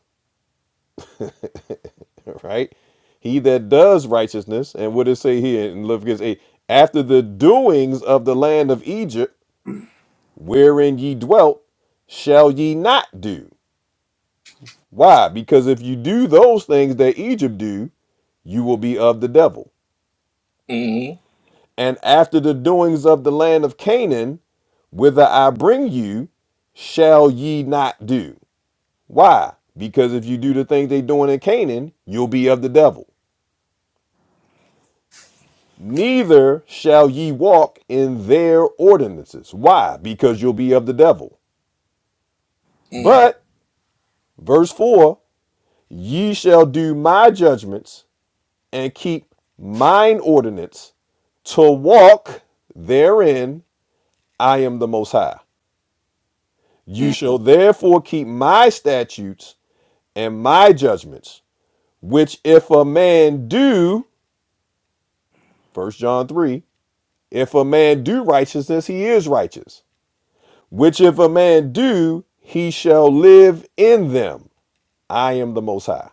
Speaker 1: right? He that does righteousness, and what did it say here in Leviticus 8? After the doings of the land of Egypt wherein ye dwelt, shall ye not do. Why? Because if you do those things that Egypt do, you will be of the devil.
Speaker 3: Mm-hmm.
Speaker 1: And after the doings of the land of Canaan, whither I bring you, shall ye not do. Why? Because if you do the things they doing in Canaan, you'll be of the devil. Neither shall ye walk in their ordinances. Why? Because you'll be of the devil. But, verse 4 Ye shall do my judgments and keep mine ordinance to walk therein I am the most high. You
Speaker 3: Mm-hmm.
Speaker 1: shall therefore keep my statutes and my judgments, which if a man do, First John 3, if a man do righteousness, he is righteous. Which if a man do, he shall live in them. I am the most high.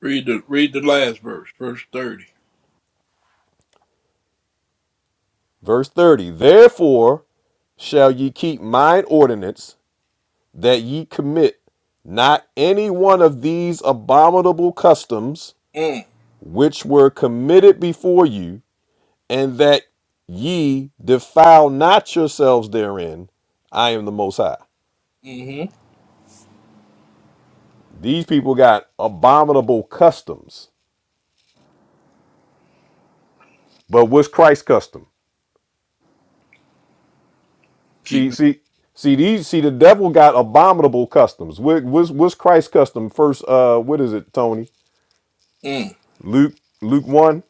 Speaker 3: Read the read the last verse, verse thirty.
Speaker 1: Verse 30, therefore shall ye keep mine ordinance that ye commit not any one of these abominable customs
Speaker 3: Mm.
Speaker 1: which were committed before you, and that ye defile not yourselves therein. I am the Most High.
Speaker 3: Mm-hmm.
Speaker 1: These people got abominable customs, but what's Christ's custom? See,
Speaker 3: Keep it.
Speaker 1: see, see these. See, the devil got abominable customs. What, what's what's Christ's custom? First, uh, what is it, Tony?
Speaker 3: Mm.
Speaker 1: Luke, Luke one,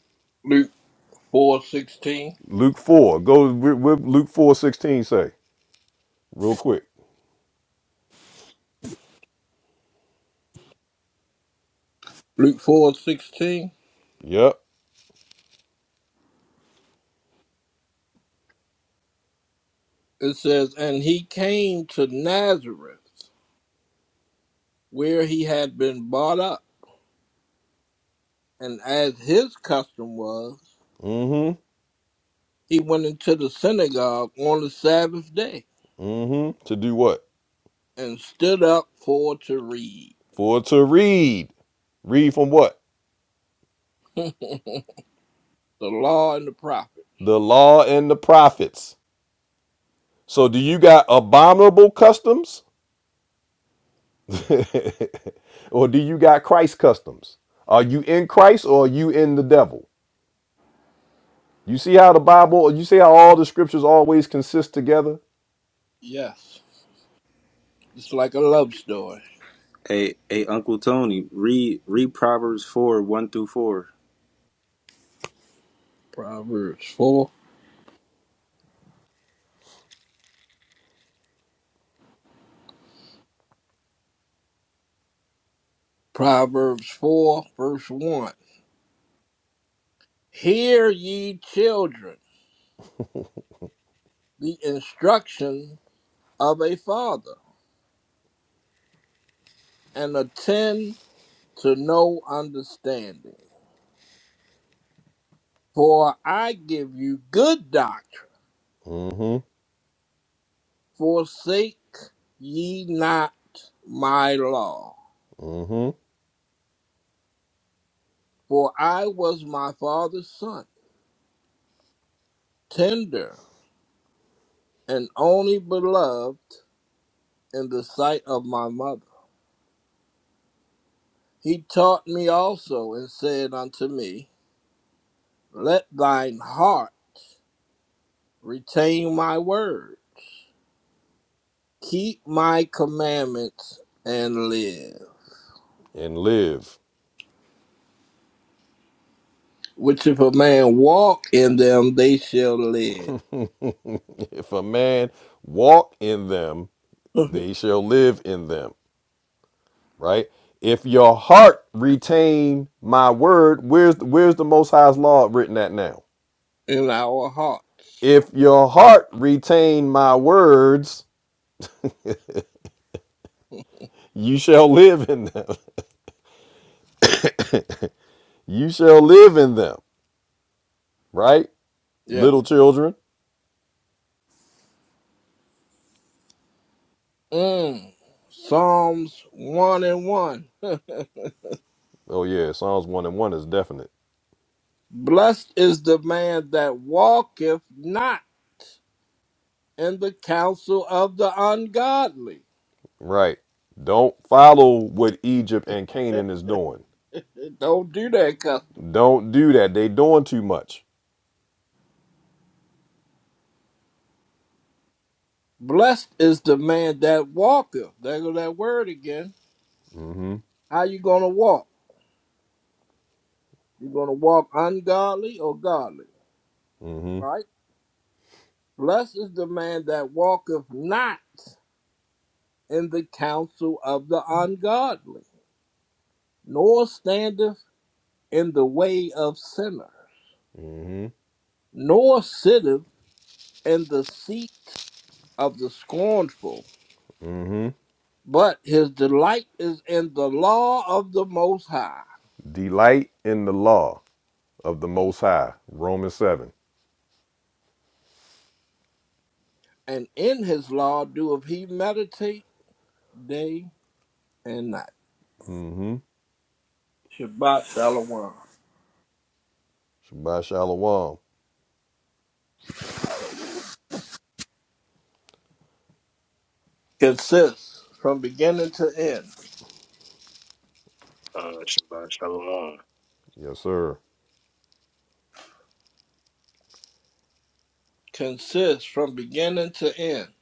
Speaker 3: Luke four sixteen.
Speaker 1: Luke four. Go with Luke four sixteen. Say real quick.
Speaker 3: Luke four sixteen.
Speaker 1: Yep.
Speaker 3: It says, and he came to Nazareth, where he had been brought up, and as his custom was,
Speaker 1: Mm-hmm.
Speaker 3: he went into the synagogue on the Sabbath day
Speaker 1: Mm-hmm. To do what?
Speaker 3: and stood up for to read
Speaker 1: For to read. Read from what?
Speaker 3: the law and the prophets.
Speaker 1: The law and the prophets. So do you got abominable customs? or do you got Christ customs? Are you in Christ or are you in the devil? You see how the Bible, you see how all the scriptures always consist together?
Speaker 3: Yes, it's like a love story.
Speaker 7: Hey, hey, Uncle Tony, read read Proverbs four one through four.
Speaker 3: Proverbs 4. Proverbs 4, verse 1. Hear ye children the instruction of a father, and attend to no understanding. For I give you good doctrine.
Speaker 1: Mm-hmm.
Speaker 3: Forsake ye not my law.
Speaker 1: Mm-hmm.
Speaker 3: For I was my father's son tender and only beloved in the sight of my mother. He taught me also and said unto me, Let thine heart retain my word, keep my commandments and live.
Speaker 1: And live.
Speaker 3: Which if a man walk in them, they shall live
Speaker 1: If a man walk in them, they shall live in them. right? If your heart retain my word, where's where's the Most High's law written at now?
Speaker 3: in our heart.
Speaker 1: If your heart retain my words, you shall live in them. You shall live in them, right? Little
Speaker 3: Yes.
Speaker 1: children.
Speaker 3: Mm. Psalms 1 and 1.
Speaker 1: Oh yeah, Psalms one and one is definite,
Speaker 3: Blessed is the man that walketh not and the counsel of the ungodly.
Speaker 1: right? Don't follow what Egypt and Canaan is doing.
Speaker 3: Don't do that, custom.
Speaker 1: Don't do that. They doing too much.
Speaker 3: Blessed is the man that walketh. There go that word again.
Speaker 1: Mm
Speaker 3: How you gonna walk? You gonna walk ungodly or godly?
Speaker 1: hmm Mm hmm
Speaker 3: Right? Blessed is the man that walketh not in the counsel of the ungodly, nor standeth in the way of sinners,
Speaker 1: Mm Mm
Speaker 3: nor sitteth in the seat of the scornful
Speaker 1: hmm. hmm
Speaker 3: But his delight is in the law of the Most High,
Speaker 1: Delight in the law of the
Speaker 3: Mm.
Speaker 1: Most High. Romans 7.
Speaker 3: and in his law doeth he meditate day and night.
Speaker 1: Mm-hmm.
Speaker 3: Shabbat Shalom.
Speaker 1: Shabbat shalom.
Speaker 3: Consists from beginning to end.
Speaker 9: Shabbat Shalom.
Speaker 1: Yes, sir.
Speaker 3: Consists from beginning to end.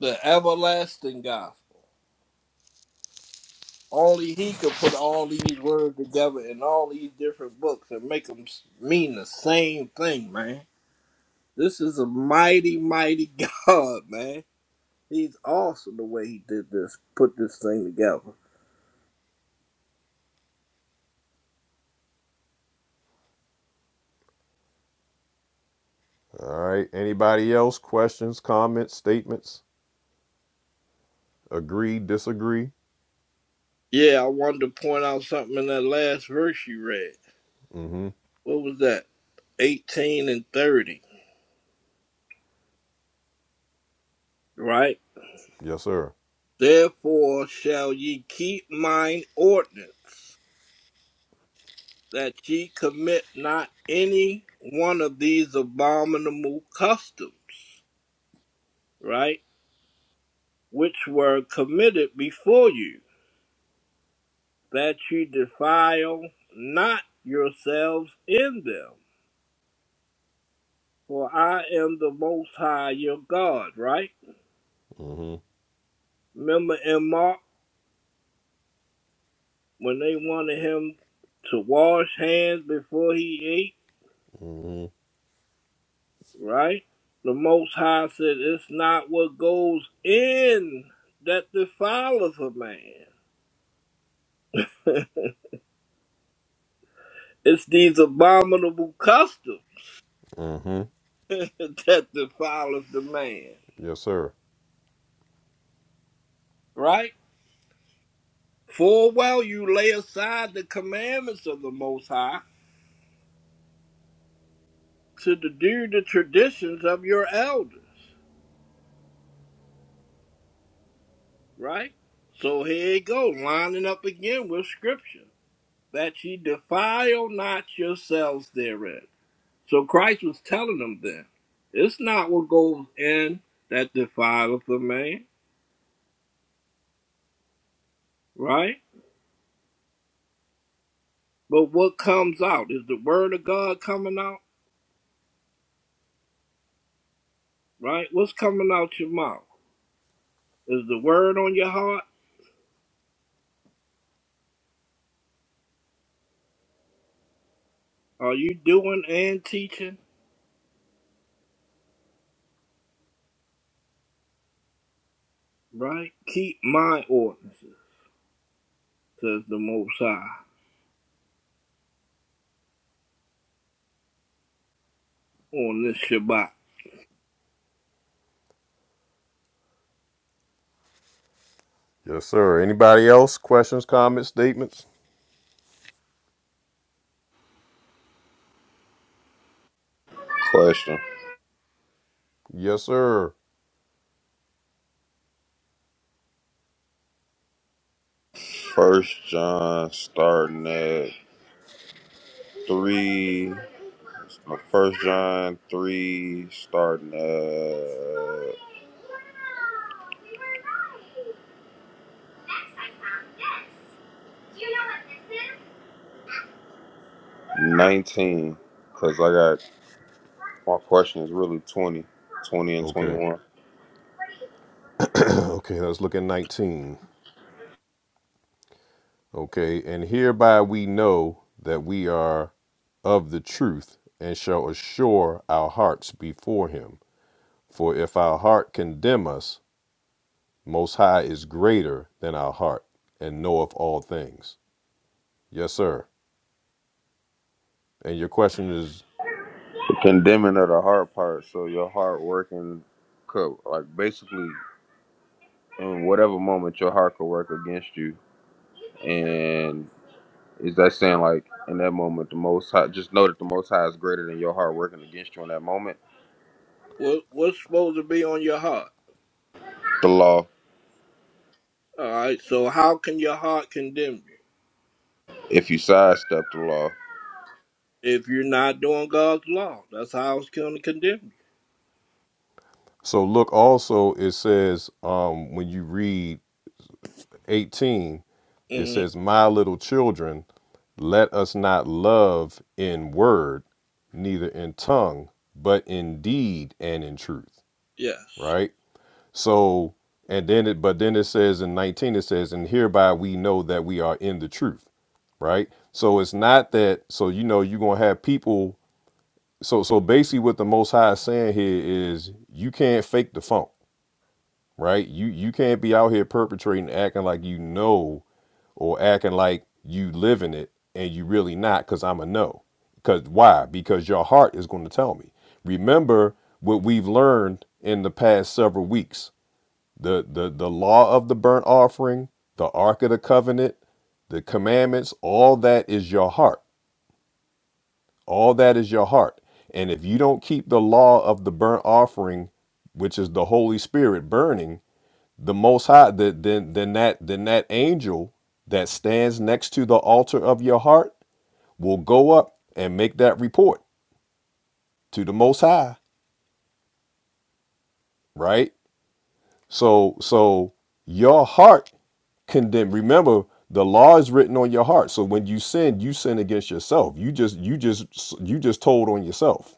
Speaker 3: The everlasting gospel. Only he could put all these words together in all these different books and make them mean the same thing, man. This is a mighty, mighty God, man. He's awesome the way he did this, put this thing together.
Speaker 1: All right. Anybody else? Questions, comments, statements? Agree, disagree?
Speaker 3: Yeah, I wanted to point out something in that last verse you read.
Speaker 1: Mm-hmm.
Speaker 3: What was that? 18 and 30, right?
Speaker 1: Yes, sir.
Speaker 3: Therefore shall ye keep mine ordinance, that ye commit not any one of these abominable customs, right? Which were committed before you, that ye defile not yourselves in them For I am the Most High your God, right?
Speaker 1: Mm-hmm.
Speaker 3: Remember in Mark when they wanted him to wash hands before he ate,
Speaker 1: Mm-hmm.
Speaker 3: right? The Most High said, It's not what goes in that defileth a man, it's these abominable customs
Speaker 1: Mm-hmm.
Speaker 3: that defileth the man,
Speaker 1: Yes, sir.
Speaker 3: right? For well you lay aside the commandments of the Most High to do the traditions of your elders. right? So here it goes, lining up again with scripture that ye defile not yourselves therein. So Christ was telling them then, it's not what goes in that defileth a man, right? But what comes out is the word of God coming out, right? What's coming out your mouth? Is the word on your heart? Are you doing and teaching, right? Keep my ordinances, says the Most High on this Shabbat.
Speaker 1: Yes, sir. Anybody else? Questions, comments, statements?
Speaker 14: Question.
Speaker 1: Yes, sir.
Speaker 14: First John, starting at three. First John three, starting at nineteen. Cause I got my question is really 20, 20 and twenty
Speaker 1: Okay.
Speaker 14: one.
Speaker 1: okay, let's look at 19. Okay, and hereby we know that we are of the truth and shall assure our hearts before him. For if our heart condemn us, Most High is greater than our heart and knoweth all things. Yes, sir. And your question is
Speaker 14: The condemning of the heart part. So your heart working, could like basically in whatever moment your heart could work against you. And is that saying like in that moment the most high just know that the most high is greater than your heart working against you in that moment?
Speaker 3: What what's supposed to be on your heart?
Speaker 14: The law,
Speaker 3: All right. So how can your heart condemn you
Speaker 14: if you sidestep the law.
Speaker 3: if you're not doing God's law? That's how it's going to condemn
Speaker 1: so look also, it says um, when you read 18,
Speaker 3: you.
Speaker 1: it
Speaker 3: hmm
Speaker 1: says, My little children, let us not love in word, neither in tongue, but in deed and in truth.
Speaker 3: Yes.
Speaker 1: Right? So, and then it, but then it says in 19, it says, And hereby we know that we are in the truth. Right? So it's not that, so you know, you're going to have people so so basically what the most high is saying here is you can't fake the funk right you you can't be out here perpetrating acting like you know or acting like you live in it and you really not because i'm a no because why because your heart is going to tell me remember what we've learned in the past several weeks the the the law of the burnt offering the ark of the covenant the commandments all that is your heart All that is your heart. And if you don't keep the law of the burnt offering, which is the Holy Spirit burning, the most high, the, then then that then that angel that stands next to the altar of your heart will go up and make that report to the most high, right? So so your heart condemn remember the law is written on your heart. So when you sin, you sin against yourself. You just you just you just told on yourself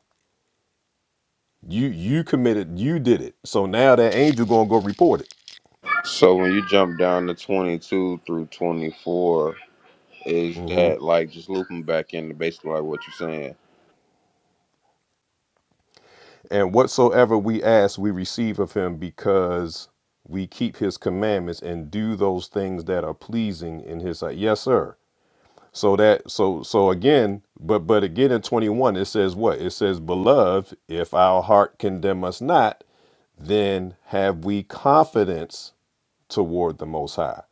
Speaker 1: You you committed. You did it. So now that angel gonna go report it.
Speaker 14: So when you jump down to twenty two through twenty four, is
Speaker 1: hmm
Speaker 14: that like just looping back into basically like what you're saying?
Speaker 1: And whatsoever we ask, we receive of him because we keep his commandments and do those things that are pleasing in his sight. Yes, sir. So that so so again, but but again in 21 it says what? It says, "Beloved, if our heart condemn us not, then have we confidence toward the most high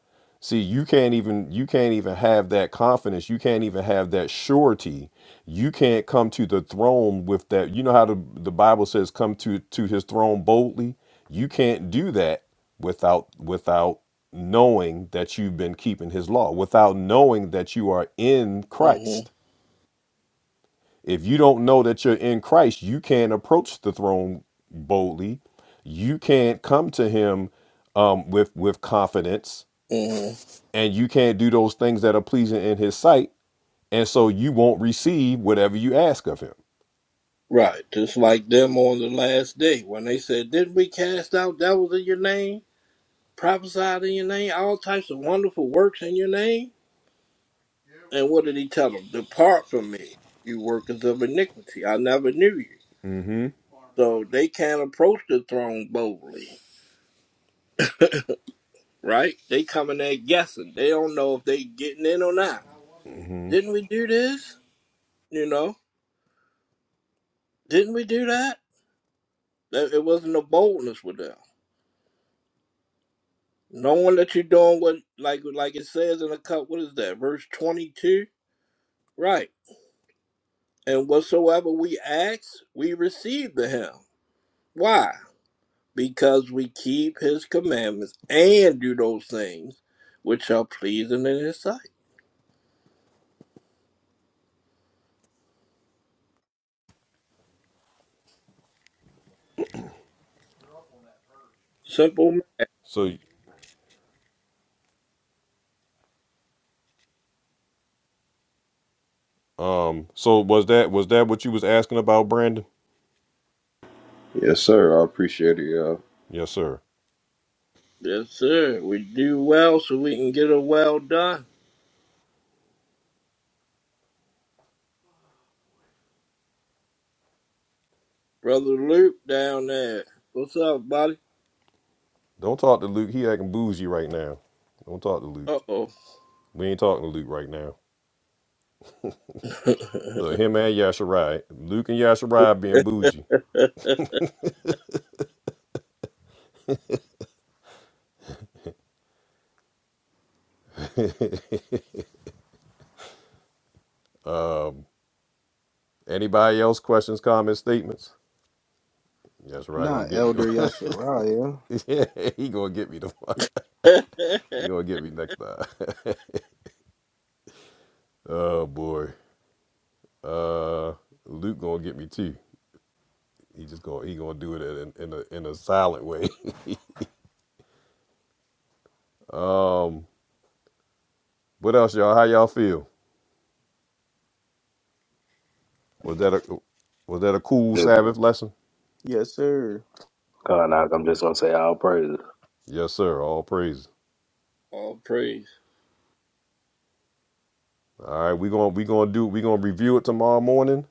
Speaker 1: see you can't even you can't even have that confidence you can't even have that surety you can't come to the throne with that you know how the, the bible says come to to his throne boldly you can't do that without without knowing that you've been keeping his law without knowing that you are in
Speaker 3: hmm
Speaker 1: christ if you don't know that you're in christ you can't approach the throne boldly you can't come to him um, with with confidence
Speaker 3: hmm
Speaker 1: and you can't do those things that are pleasing in his sight and so you won't receive whatever you ask of him
Speaker 3: Right. Just like them on the last day when they said, "Didn't we cast out devils in your name, prophesied in your name, all types of wonderful works in your name?" And what did he tell them? Depart from me, you workers of iniquity. I never knew you.
Speaker 1: hmm
Speaker 3: So they can't approach the throne boldly right? They coming there guessing. They don't know if they getting in or not.
Speaker 1: hmm
Speaker 3: Didn't we do this? You know, didn't we do that? That- It wasn't a boldness with them. Knowing that you're doing what, like, like it says in the cup. What is that? Verse twenty-two, right? And whatsoever we ask, we receive the him. Why? Because we keep his commandments and do those things which are pleasing in his sight. Simple. ma-
Speaker 1: so um so was that was that what you was asking about brandon
Speaker 14: Yes, sir. I appreciate it, y'all.
Speaker 1: yes sir
Speaker 3: Yes, sir. We do well so we can get a well done. Brother Luke down there. What's up, buddy?
Speaker 1: don't talk to luke he acting bougie right now don't talk to luke
Speaker 3: Uh oh.
Speaker 1: we ain't talking to luke right now look him and yasharai luke and yasharai being bougie anybody else questions comments statements yasharai gonna
Speaker 7: Not
Speaker 1: get me
Speaker 7: Elder
Speaker 1: the
Speaker 7: Yashariah.
Speaker 1: Yeah, he gonna get me the he gonna get me next time oh boy Uh, Luke gonna get me too. He just gonna he gonna do it in, in a in a silent way. um, what else, y'all? How y'all feel? Was that a was that a cool
Speaker 9: Good.
Speaker 1: Sabbath lesson?
Speaker 7: Yes, sir.
Speaker 9: God, I'm just gonna say all praises.
Speaker 1: Yes, sir. All praise.
Speaker 3: All praise.
Speaker 1: All right, we gonna we gonna do we gonna review it tomorrow morning,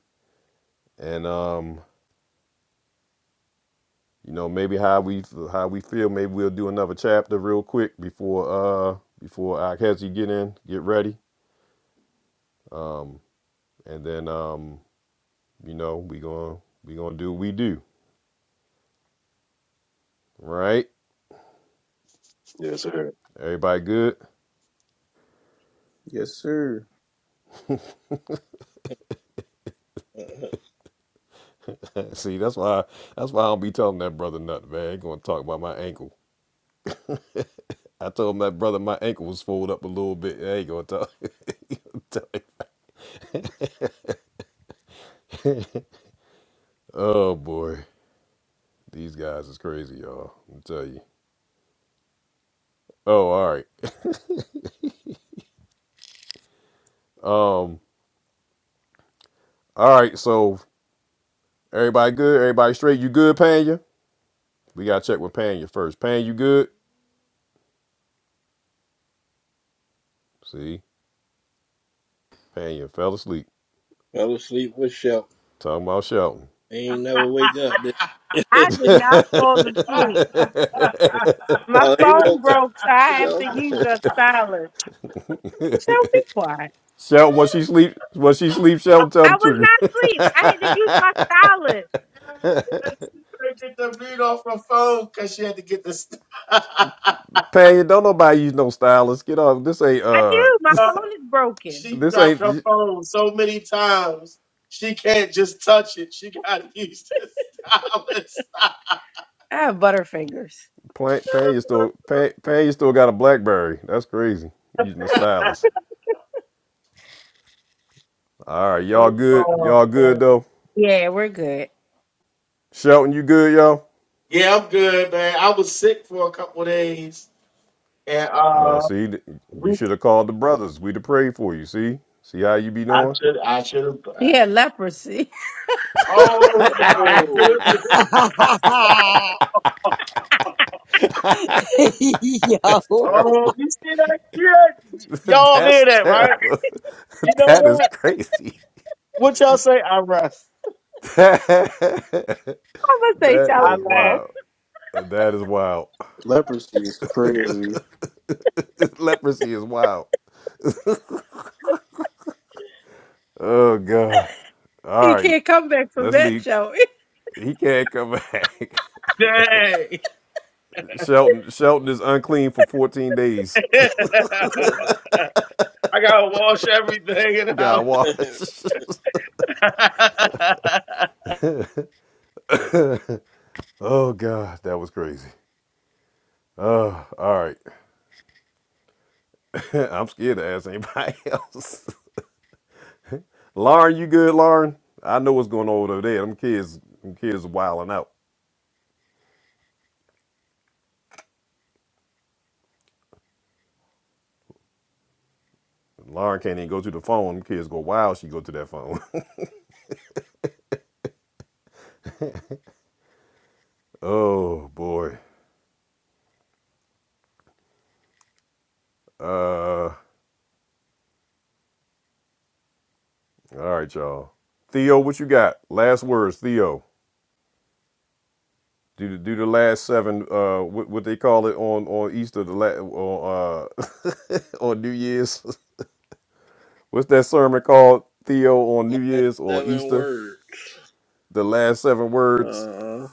Speaker 1: and um, you know maybe how we how we feel. Maybe we'll do another chapter real quick before uh before Akhezi get in, get ready, and then um, you know we gonna we gonna do what we do. All right,
Speaker 9: Yes, sir.
Speaker 1: everybody good.
Speaker 7: Yes, sir.
Speaker 3: Uh-huh.
Speaker 1: See, that's why that's why I don't be telling that brother nothing, man. I Ain't gonna talk about my ankle. I told him that brother my ankle was folded up a little bit. I ain't gonna talk. tell him. Oh boy, these guys is crazy, y'all. I'm tell you. Oh, all right. Um, all right. So everybody good? Everybody straight? You good, Panya? We gotta check with Panya first. Panya, you good? See, Panya fell asleep.
Speaker 3: Fell asleep with Shelton.
Speaker 1: Talking about Shelton.
Speaker 3: He ain't never wake up. Did he?
Speaker 11: I did not fall asleep. My
Speaker 3: oh, he
Speaker 11: phone
Speaker 3: woke up.
Speaker 11: broke, so I
Speaker 3: There
Speaker 11: have to
Speaker 3: you
Speaker 11: use a stylus. You Show be quiet.
Speaker 1: Shelton, when she sleep, when she sleep, Shelton tell the
Speaker 11: I was
Speaker 1: truth.
Speaker 11: not asleep. I had to use my stylus. she couldn't get the beat off her phone because she had to get this. I
Speaker 1: Panya, don't nobody use no stylist. Get off. This ain't uh.
Speaker 11: do. My phone is broken. she
Speaker 1: This
Speaker 11: dropped her
Speaker 1: ain't.
Speaker 11: phone so many times. She can't just touch it. She got to use the stylus. I have butterfingers.
Speaker 1: Plan, Pan, you still Pan, Pan, you still got a BlackBerry. That's crazy. Using the stylus. All right, y'all good.
Speaker 11: Oh,
Speaker 1: Y'all
Speaker 11: man.
Speaker 1: good though.
Speaker 11: Yeah, we're good.
Speaker 1: Shelton, you good, y'all?
Speaker 11: Yeah, I'm good, man. I was sick for a couple of days, and
Speaker 1: Uh,
Speaker 11: uh,
Speaker 1: see, you
Speaker 11: We,
Speaker 1: should have called the brothers. We'd have prayed for you. See, see how you be
Speaker 11: I
Speaker 1: doing?
Speaker 11: should, I should have. He had leprosy. Oh
Speaker 3: go.
Speaker 11: my goodness!
Speaker 3: Oh.
Speaker 1: That's
Speaker 15: Yo.
Speaker 11: Oh,
Speaker 1: terrible.
Speaker 11: you see that? Yeah, y'all
Speaker 1: That's
Speaker 11: hear that, right?
Speaker 1: terrible.
Speaker 11: You know
Speaker 1: that is
Speaker 11: what?
Speaker 1: crazy.
Speaker 11: What y'all say? I rest.
Speaker 1: that
Speaker 11: I'm gonna say shout I laugh.
Speaker 1: is
Speaker 11: out.
Speaker 1: wild. That is wild.
Speaker 7: Leprosy is crazy.
Speaker 1: This Leprosy is wild. Oh god. All
Speaker 11: He
Speaker 1: right,
Speaker 11: can't come back from
Speaker 1: let's
Speaker 11: that,
Speaker 1: leave.
Speaker 11: Joey.
Speaker 1: He can't come back.
Speaker 11: Dang!
Speaker 1: Shelton Shelton is unclean for 14 days.
Speaker 11: I gotta wash everything in the
Speaker 1: God
Speaker 11: house.
Speaker 1: watch. oh God, that was crazy. Oh, all right. I'm scared to ask anybody else. Lauren, you good, Lauren? I know what's going on over there. Them kids, them kids are wilding out. Lauren can't even go to the phone. Them kids go wild. She go to that phone. oh boy. Uh, all right, y'all. Theo, what you got? Last words, Theo. Do the, do the last seven, uh, what, what they call it on on Easter, the la- on uh, on New Year's. What's that sermon called, Theo, on New
Speaker 3: Last
Speaker 1: Year's or
Speaker 3: seven
Speaker 1: Easter?
Speaker 3: words.
Speaker 1: The last seven words.
Speaker 3: Uh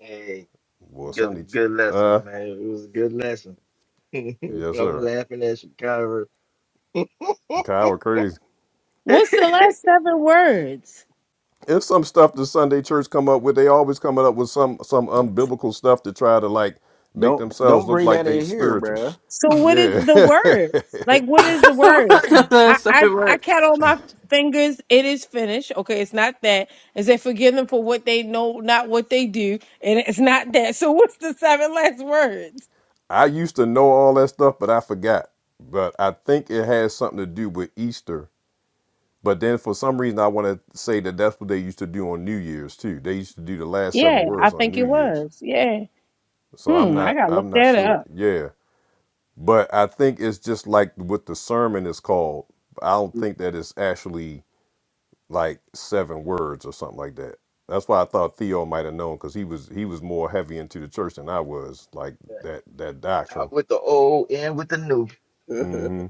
Speaker 6: Hey,
Speaker 1: Well, Sunday.
Speaker 6: good
Speaker 1: ch-
Speaker 6: good
Speaker 1: Uh,
Speaker 6: lesson, man. It was a good lesson.
Speaker 1: yes,
Speaker 6: I'm
Speaker 1: sir.
Speaker 6: laughing at Chicago.
Speaker 1: Kyle, crazy.
Speaker 11: What's the last seven words?
Speaker 1: It's some stuff the Sunday church come up with. They always coming up with some some unbiblical stuff to try to like make
Speaker 7: Don't
Speaker 1: themselves
Speaker 7: don't
Speaker 1: look
Speaker 7: bring
Speaker 1: like
Speaker 7: that
Speaker 1: they
Speaker 7: in here,
Speaker 1: spiritual.
Speaker 7: bruh.
Speaker 11: So what is
Speaker 1: Yeah.
Speaker 11: the word? Like what is the word? I
Speaker 2: That's how
Speaker 11: I,
Speaker 2: it
Speaker 11: I count on my fingers. It is finished. Okay, it's not that. Is it forgive them for what they know, not what they do, and it's not that. So what's the seven last words?
Speaker 1: I used to know all that stuff, but I forgot. But I think it has something to do with Easter. But then for some reason, I want to say that that's what they used to do on New Year's too. They used to do the last seven
Speaker 11: Yeah, I
Speaker 1: words on
Speaker 11: think
Speaker 1: New
Speaker 11: it
Speaker 1: Year's.
Speaker 11: was. Yeah.
Speaker 1: So I'm
Speaker 11: Hmm. I
Speaker 1: not,
Speaker 11: gotta look
Speaker 1: I'm not
Speaker 11: that up.
Speaker 1: sure. Yeah, but I think it's just like what the sermon is called. I don't think that it's actually like seven words or something like that. That's why I thought Theo might have known because he was he was more heavy into the church than I was, like that that doctrine.
Speaker 6: Out with the old, in with the new.
Speaker 3: I
Speaker 1: Mm-hmm.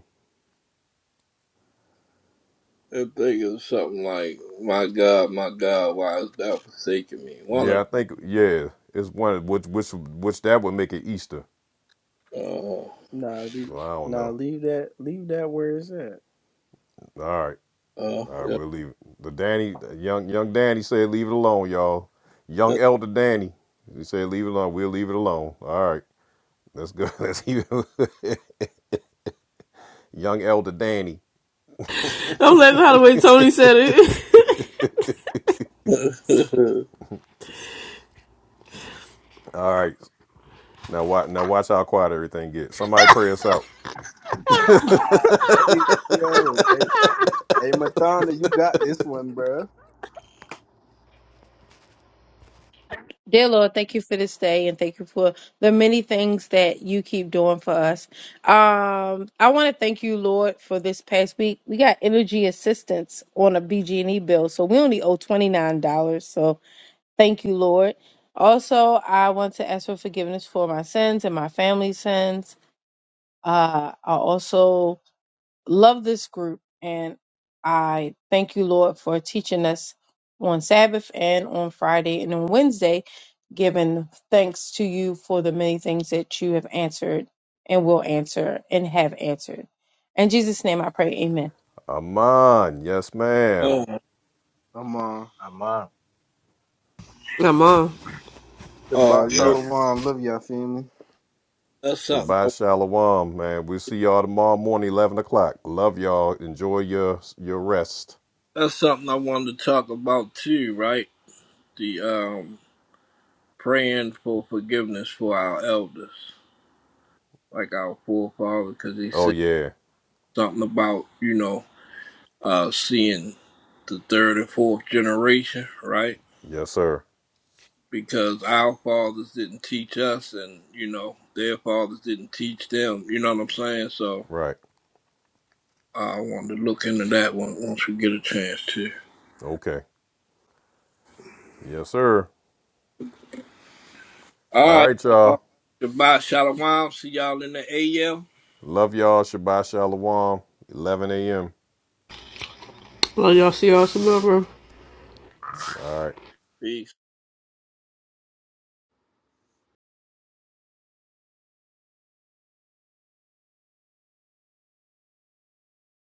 Speaker 3: think it's something like, "My God, my God, why hast thou forsaken me?" One
Speaker 1: Yeah, I think yeah, it's one which which which that would make it Easter.
Speaker 3: of
Speaker 7: Nah, leave,
Speaker 1: So I don't
Speaker 7: nah,
Speaker 1: know.
Speaker 7: leave that, leave that where it's at.
Speaker 1: All right,
Speaker 3: uh,
Speaker 1: all right,
Speaker 3: uh,
Speaker 1: we'll leave it. The Danny, young young Danny said, leave it alone, y'all. Young Elder Danny, he said, leave it alone. We'll leave it alone. All right, that's good. That's even young Elder Danny.
Speaker 2: I'm laughing how the way Tony said it.
Speaker 3: yeah.
Speaker 1: All right, now watch now watch how quiet everything gets. Somebody pray us out.
Speaker 7: hey, yo, hey, hey, Mathonda, you got this one, bruh.
Speaker 11: Dear Lord, thank you for this day and thank you for the many things that you keep doing for us. Um, I want to thank you, Lord, for this past week. We got energy assistance on a BG&E bill, so we only owe $29. So thank you, Lord. Also, I want to ask for forgiveness for my sins and my family's sins. Uh, I also love this group and I thank you, Lord, for teaching us on Sabbath and on Friday and on Wednesday, giving thanks to you for the many things that you have answered and will answer and have answered. In Jesus' name I pray, amen.
Speaker 1: Aman, yes, ma'am.
Speaker 3: uh,
Speaker 7: I'm on.
Speaker 6: Amen.
Speaker 2: Come on.
Speaker 3: Oh
Speaker 7: The
Speaker 3: yeah,
Speaker 1: Yep.
Speaker 7: Shalom. Love y'all, family.
Speaker 3: that's something.
Speaker 1: Shabbat shalom, man. We'll see y'all tomorrow morning, eleven o'clock. Love y'all. Enjoy your your rest.
Speaker 3: That's something I wanted to talk about too, right? The um praying for forgiveness for our elders, like our forefathers, because he
Speaker 1: Oh
Speaker 3: said
Speaker 1: yeah.
Speaker 3: something about you know uh seeing the third and fourth generation, right?
Speaker 1: Yes, sir.
Speaker 3: Because our fathers didn't teach us, and you know their fathers didn't teach them. You know what I'm saying? So
Speaker 1: Right.
Speaker 3: I wanted to look into that one once we get a chance to.
Speaker 1: Okay. Yes, sir.
Speaker 3: All
Speaker 1: All
Speaker 3: right,
Speaker 1: right,
Speaker 3: y'all.
Speaker 1: y'all.
Speaker 3: Goodbye, Shalom. See y'all in the AM.
Speaker 1: Love y'all. Shabbat shalom. 11 a.m.
Speaker 2: Well, y'all see y'all tomorrow.
Speaker 1: All right.
Speaker 3: Peace.